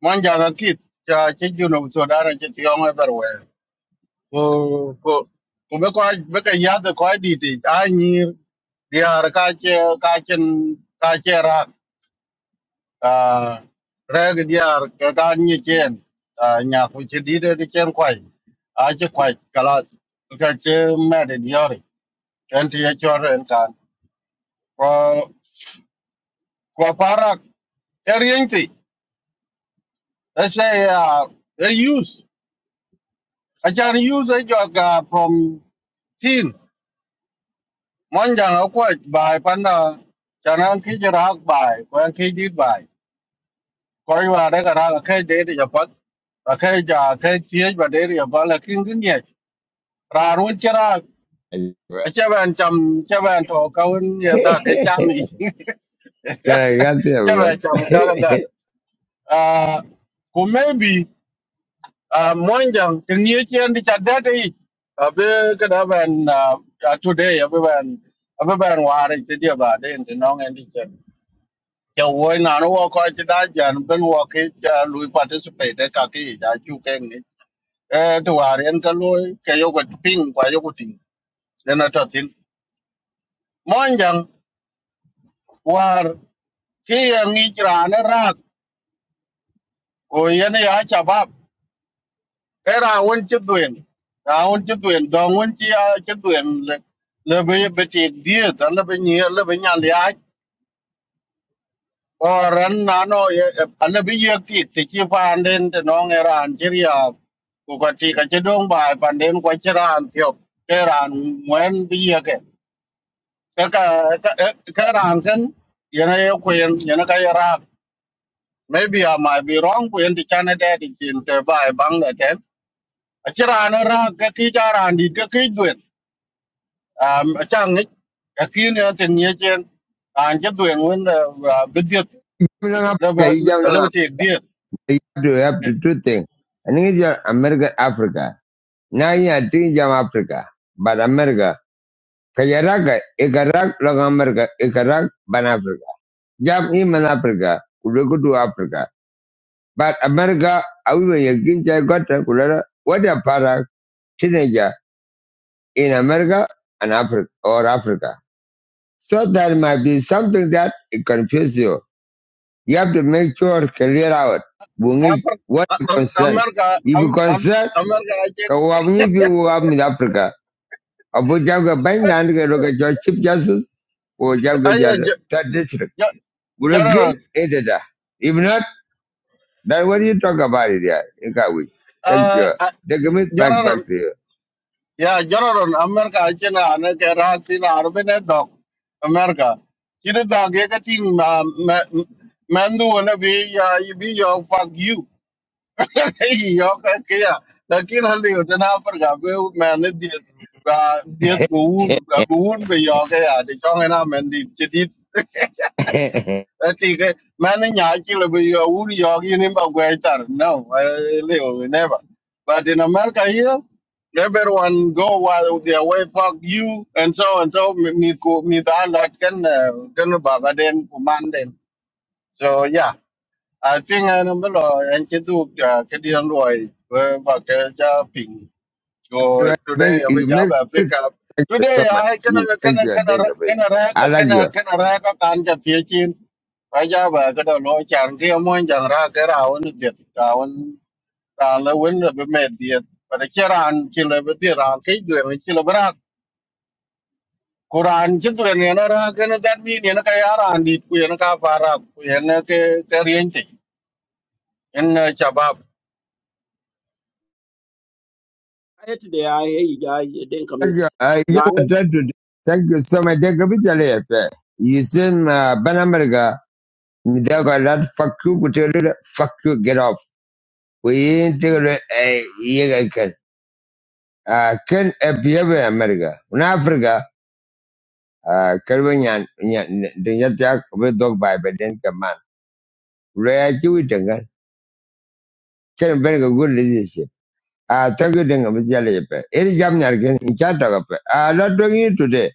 C: One young kid, uh, you know, so that I just young everywhere. ko ko ko be ko be ka ya de ko di ti a ni diar ka che ka chen ka che ra a re ge diar ka ka ni chen a nya ku che di de de chen kwai a che kwai ka la ka che me de diar en ti ye cho ren kan ko ko para er yin ti a se a e use a chan use a jo ka from Mon chẳng ở quậy bài pan là chẳng ăn khi chưa ra bài, có ăn khi đi bài. Có yêu là đấy cả ra là khi đấy thì nhập bắt. Và khi giờ khi chia và đấy thì nhập bắt là kinh kinh nhẹ. Ra luôn chưa ra. Ở Chưa bàn chầm, chưa bàn thổ cao hơn nhiều ta cái chạm ý.
A: yeah i got there
C: Chưa
A: but
C: bàn chầm cao hơn thật. À, cũng maybe à, mon chẳng từng nhiều chuyện đi chặt đất đi. À, bây cái đó bàn à, à, today, à, bây bàn, à, bây bàn hòa đi, cái điều bà đây thì nó nghe đi จะโวยนานว่าก็จะได้จานเป็นว่าคิดจะลุย participate ได้กับที่จะชูแกงนี้เออตัวเรียนก็ลุยแกยกกับทิ้งกว่ายกกับทิ้งเรียนอะไรทิ้งมันยังว่าที่ยังงี้จรานะรักโอ้ยนี่อาจจะบับเอราวันจุดเด่นราวันจุดเด่นดองวันที่อาจุดเด่นเลยเลยไปไปติดเดียดแล้วไปเนี้ยแล้วไปเนี่ย or ran nano ana bi yakti ti ki panden te nong eran chiria ko ka ti ka chedong bai panden ko chiran tiop eran mwen bi yake ka ka ka ran kan yana yo ko yen yana ka yara maybe i might be wrong ko yen ti chana de ti chin te bai bang da te a chiran ra ka ti charan di ka ki jwen um a chang ni ka ti ne te nie chen an che dwen wen da bidiet
A: you know
C: da ba
A: you jam
C: da le
A: na
C: ti
A: you have to have to two things and it's your america africa now yeah, i are doing jam africa but america Kayaraga, Ikarak, Long America, Ikarak, Ban Africa. Jam Iman Africa, Kuluku to Africa. But America, I Awe Yakinja Gota Kulera, what a para teenager in America and Africa or Africa. So there might be something that it confuse you. You have to make sure clear out. Bungi,
C: Amar,
A: what you concern.
C: America,
A: If
C: Am-
A: you
C: Am-
A: concern,
C: America, I
A: Kawabuni
C: think.
A: you have in Africa. Abu Janga Bandan, look at your Chief Justice, or
C: Aye,
A: Janga
C: Ge-
A: Third District.
C: Ge-
A: உனக்கு
C: General.
A: ஏற்றதா If not, then what do you talk about it yeah you got we thank
C: Uh,
A: you
C: uh,
A: take me back back
C: General.
A: to you
C: Yeah, General. America, I think. I know that Russia, Arab, ne dog. America. Kini dog ye kati ma ma mandu wala bi ya you be your fuck you. Hey, Yo ka kya. Lakin hal de utna par ga be maine diet ga diet buun ga buun be yo ka ya de chong na mandi chedit. Ati ke mana nyaji le bi yo uri yo gi ni ba gwe tar. No, I live never. But in America here, everyone go while their way fuck you and so and so me me ko- me da la ken eh, ken baba den ku man den. So yeah, I think I number lo en ke du ke di an roi ba ke cha
A: you
C: so
A: right,
C: today
A: make
C: we
A: you
C: have
A: make
C: a
A: sure
C: pickup.
A: thank you so
C: Today
A: much
C: I can
A: you,
C: can can
A: thank you
C: can
A: thank you
C: can
A: please.
C: rack
A: I like you
C: can can rack a kanja teaching. I have a good low chan kia moon jan rack around it down down the window be made it. But a chiran kilabitiran kidu and kilabra. Kuran chitu and yanara can that mean yanakayara and it kuyanaka para kuyanaka kariente in Chabab.
A: thank you uh, you know, try to do- thank you so much thank you bitale you seen uh, ban america Me they got that fuck you but you little fuck you get off we ain't take a uh, yeah I can uh, can appear in America in Africa à cái với nhà nhà đừng nhất chắc với đọc bài bài đến cái man rồi chú ý đừng cái cái bên cái good leadership à tất cái đừng cái bây giờ phải ấy jam nhà cái cha đó phải à nó đừng như today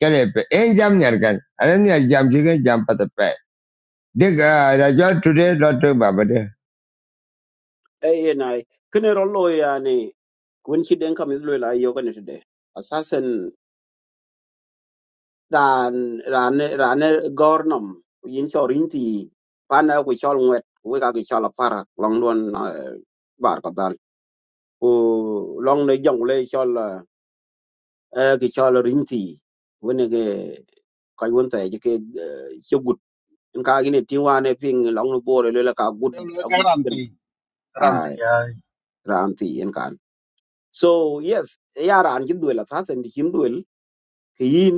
A: cái này phải ấy jam nhà cái anh nhà jam chỉ cái jam bắt phải đừng à ra cho today nó đừng bà bà đấy
D: Ê, này, cái này đó lôi à này, quên khi đến cầm today. Assassin, ran, ran, ran, gornum, yên cho rin thì, pan nào của cho nguyệt, với cả para, long luôn, bar kadal. Oh, Ồ, long này dòng lê cho e ke chol rin ti wene ke ko won ta je ke che gut en ka gine ti wane ping long no bore le la ka gut a gut ken
C: Karanti, Karanti,
D: ai ran ti en kan so yes ya ran kin duel sa sen di kin duel ke yin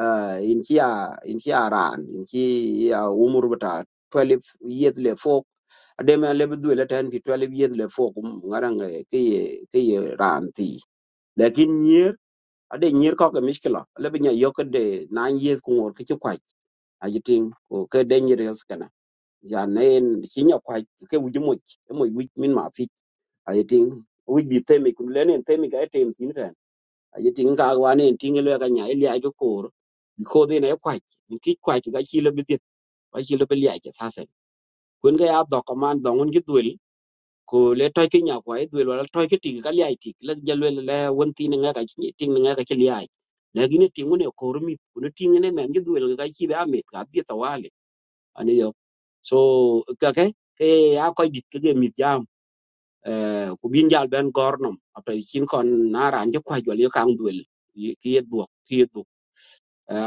D: eh in ki in ki ran in ki umur bata 12 years le fo ade me le duel ten pi 12 years le fo ngarang ke ye ran ti lakin nyer ade nyir ko ke miskila le binya yok de na yes ku ngor kichi kwaj ajiting ko ke de nyir yos kana ya nen sinya kwaj ke wuju mo mo wuj min ma fi ajiting wuj bi temi kun le nen temi ga tem tin ren ajiting ka wa nen tin le ga nya ile ajo kor ko de ne kwaj ni ki ga chi le bitit ba chi le bi ya ke sasen kun ga ya do ko man do ngun gi ko le toy ke nya ko e dwel wala toy ke ti ka li ti la jalwe le won ti nga ka ti ti nga ka ti li ai la gi ne ko mi ne ti ne men gi dwel ga ti ba me ka bi ta wale ani yo so ka ke ke ya ko dit ke ge mi jam eh ku bin jal ben gornom apta chin kon na ran je kwa jwal yo dwel ki yed bu ki yed bu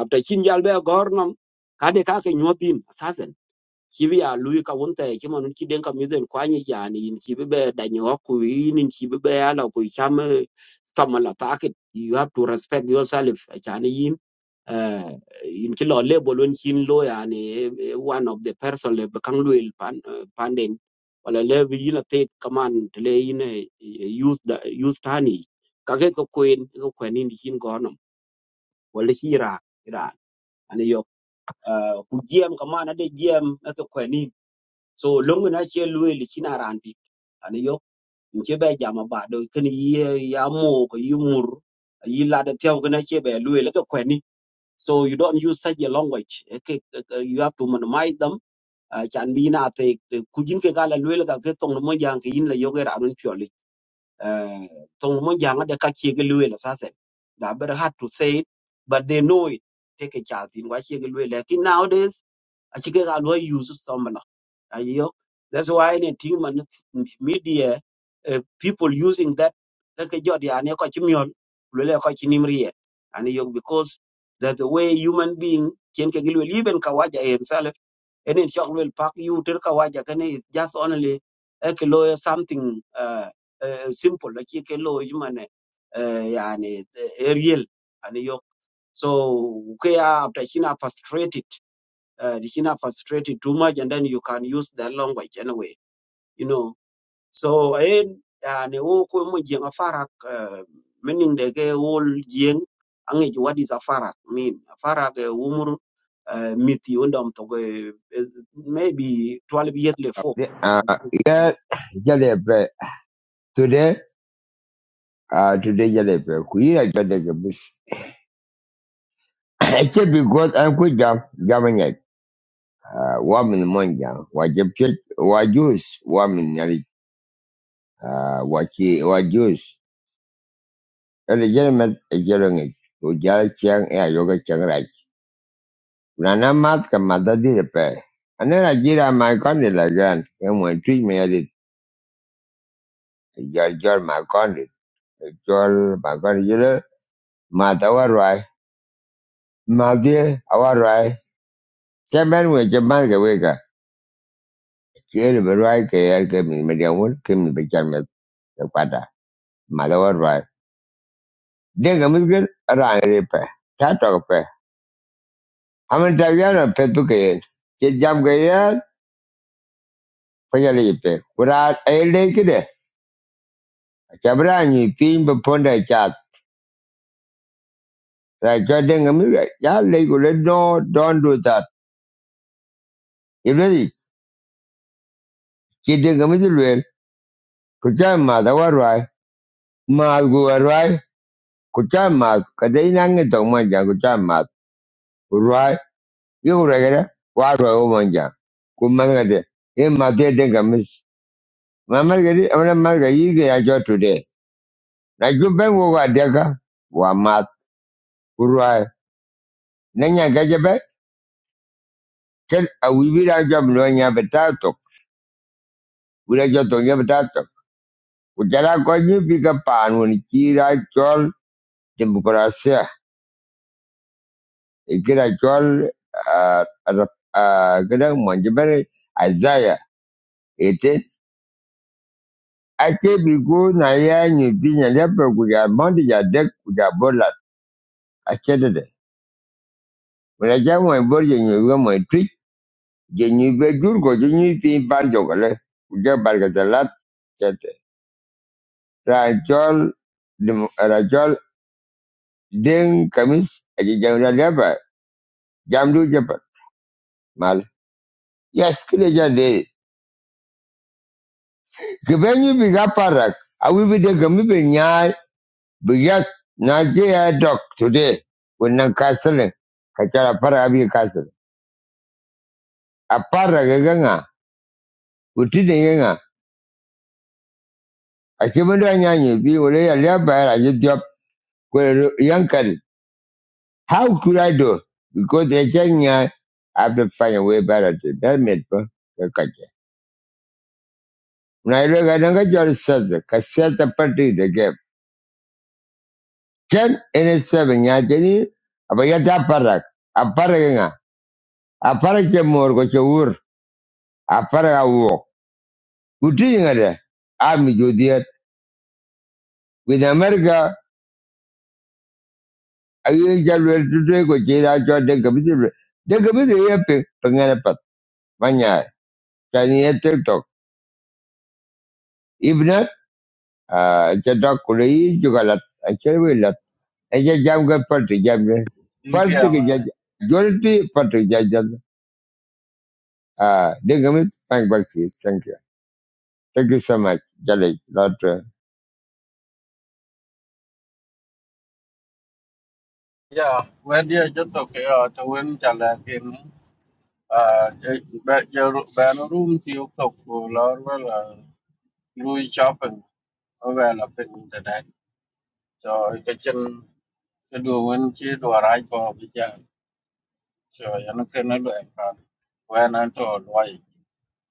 D: apta chin jal be gornom ka de ka ke nyotin asasen kibi ya lui ka wunte ki mon ki ka miden kwa yani in kibi be da ku in kibi be ala ku cham tama taket you have to respect yourself yani yin eh, in ki label won kin lo yani eh, one of the person le kan lui pan eh, panden wala le bi la te kaman te le in eh, use the use tani ka ke ko queen ko queen in kin gonom wala hira ira ani yo ku jiem kaman ade jiem ka queen so longu na che lue li china randi ani yo nche be jama ba do ken ye ya mo ko yumur yi la de tew na che be lue le ko kweni so you don't use such a language Eh, ke- ke- ke- you have to minimize them Ah, chan bi na te te- ku jin ke gala lue le ka ke tong mo jang ke yin le yo ge ra dun pyoli eh tong mo jang de ka che ge lue le sa se da ber hard to say it but they know it take a chance in what che ge lue nowadays achike ka lo use somla ayo that's why anything man media uh, people using that kake jodi ane ko chimiol lule ko chinimrie ane yo because that the way human being ken ke gilwe liben kawaja himself and in shock will pack you ter kawaja kane is just only a kilo something uh, uh, simple like ke lo human uh, yani eh, real ane yo so ke after china frustrated uh, China frustrated too much, and then you can use their language anyway, you know. So, and and who come with a farak, uh, meaning the gay old jing, and it- what is a farak mean? A farak, a umur, uh, myth, you know, maybe 12 years before.
A: à cái cái này phải today à today cái này phải quý là cái này cái bus chỉ because anh cứ jam jam Ah, wamin monja wajepchut wajus wamin yari ah, wachi wajus ele jeremet ejerenge ujala chiang e ayoga chiang rach nana mat ka madadi repe ane rajira ma kondi la gan e mo tri me yari jor jor ma kondi jor ma kondi jere mata warwai madie awarwai chemen we chemal ke weka chiel berwai ke yar ke mi mediamun ke mi bechan Denga musgel rangre pe. Tato pe. Hamen taviano petu ke. Che jam ke ya panyali pe. Kura ay le kide. Chabra ni pin be ponda chat. Ra cho denga musgel. Ya le kule no don't do that. Ilodi che denga musgel. Kucha ma da warwai. Ma gu warwai. Kucha ma kadai nange tong ma jang kucha ma. Warwai. Yura gara. Warwai o ma jang. Kumangade. Ye ma te denga mus. Mamal gadi amana mal gadi ke ya cho na jumben wo wa deka wa ma kurwa na nya gaje be ra job no nya betato wira jo to nya betato ku jara ko nyu bika panu ni bi ka pan woni ki ra chol demokrasia e chol a gadan manje azaya ete ake bi go na ya ni bi nya le pe ku ya mandi ya dek ku ya bola ake de de wira ja mo mo tri je ni be dur je ni ti bar gale ku ja Kete. Rajol, Dem- Rajol, Ding, Kamis, Aji Jamra Deba, Jamdu Jepa, Mal. Yes, kile jade. Given you big aparak, I will be the Gamibi Nyai, Bigat, Najia Dok today, when Nan Castle, Kachara Para Abi Castle. Aparak Ganga, Utida Yanga, I came under Nyanyi, be Ulea Leba, I just job, where Yankan. How could I do? Because the Chenya, I have to find a way better to that made, for. We are going to go to the US. We are going to party. Can any seven? That means, we are going to have a party. A party, what? A party is more comfortable. A party is walk. What do you mean? I am with the with America. I am going to go to the United States. I am going to go to the United States. I am going to go to the United States. I am going to
C: yeah.
A: go to the United States. Uh, Digamit, thank Bakti. Thank you. Thank you so much. Jalik, lot. uh,
C: Yeah, when you just okay, uh, to win Jalakin, uh, but your banner room, you cook, or well, uh, Louis shopping, or well, up in internet. So, you can to do when she do a right for the jam. So, you know, can I do it? When I told why,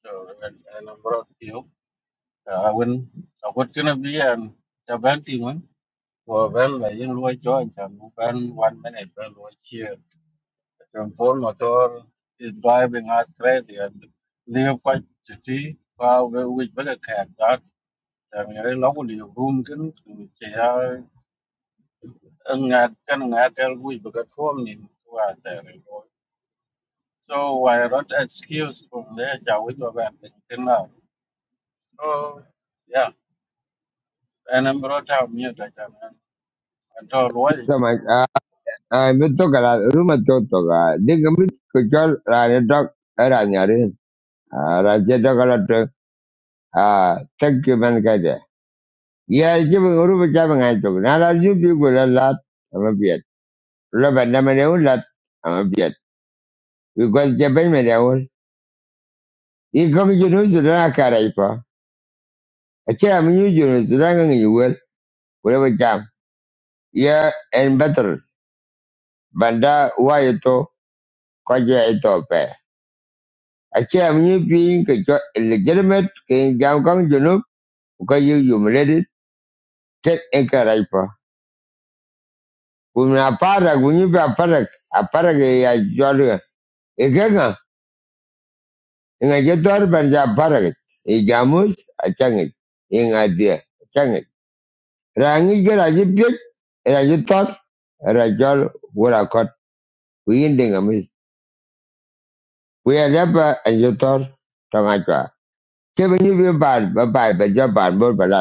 C: so, and and I brought you, uh, when, so what's gonna be, and the band team, well, well, I didn't like join them, one minute, well, what's here. Rampol Motor is driving us crazy and live quite city và we we bắt được hạt đó là người ấy lâu của liều room kín thì ăn ngạt cái ngạt cái we bắt được form nhìn qua thế này rồi so why not excuse from there chào với các bạn tình tin là so yeah and I'm brought out mute like that and tôi nói
A: So much. Uh, uh, Mitokala, Ruma Totoga, Digamit, Kuchal, Rani Dog, Ranyarin, Raja Dogalat, uh, thank you, Mankade. Yeah, giving Ruba Javan I took. Now, you people a lot. I'm a beard. Rubber Namaneu lot. I'm a beard. Because Japan Maneul. You come to Jerusalem, Karaipa. I can't use Jerusalem, you will, whatever jam. Yeah, and better. Banda, why you talk? Kwaja Ethiopia. I am you being a jo- illegitimate King Jamkong Junuk because you humiliated Ted Enkaripa. When a parak, when you be a parak, a parak a jolly, a gaga, in a jetor banja parak, a jamus, a changit, in a deer, a changit. Rangi get a jipit, and a jetor, and a jol, what I caught, we ending a miss. We are never a jetor, Tamacha. Kevin, you be bad, bye bye, but you're bad, but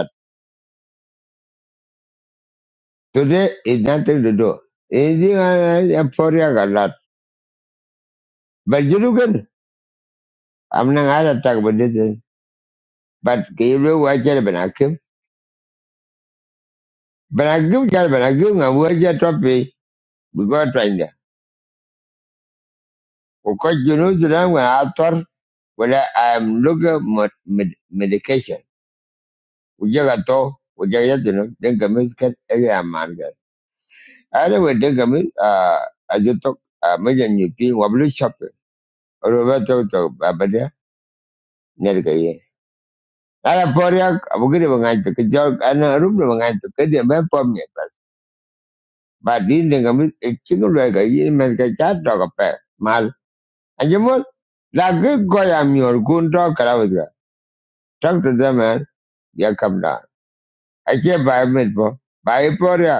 A: Today is nothing to do. Anything I am for you, I lot. But you look at, I'm not going to talk about this. thing. But can you look what you're going to give? But I give you, but I give you, I will get trophy. We go trying there. Because you know, the time when I thought, well, I am looking med- med- medication. We just got to, we just got to know, then come is get every man. Anyway, then come is, uh, I just talk, uh, maybe you feel, what blue shopping. Or over to, to, but yeah, ala por ya abugire bangaito ke jol ana rubre bangaito ke dia be pom ye ba din de ngam e chingo le ga yi men ke cha to ka pe mal ajemo la ge go ya mi or gun to kala wadra talk to them man ya kam da ache ba met po ba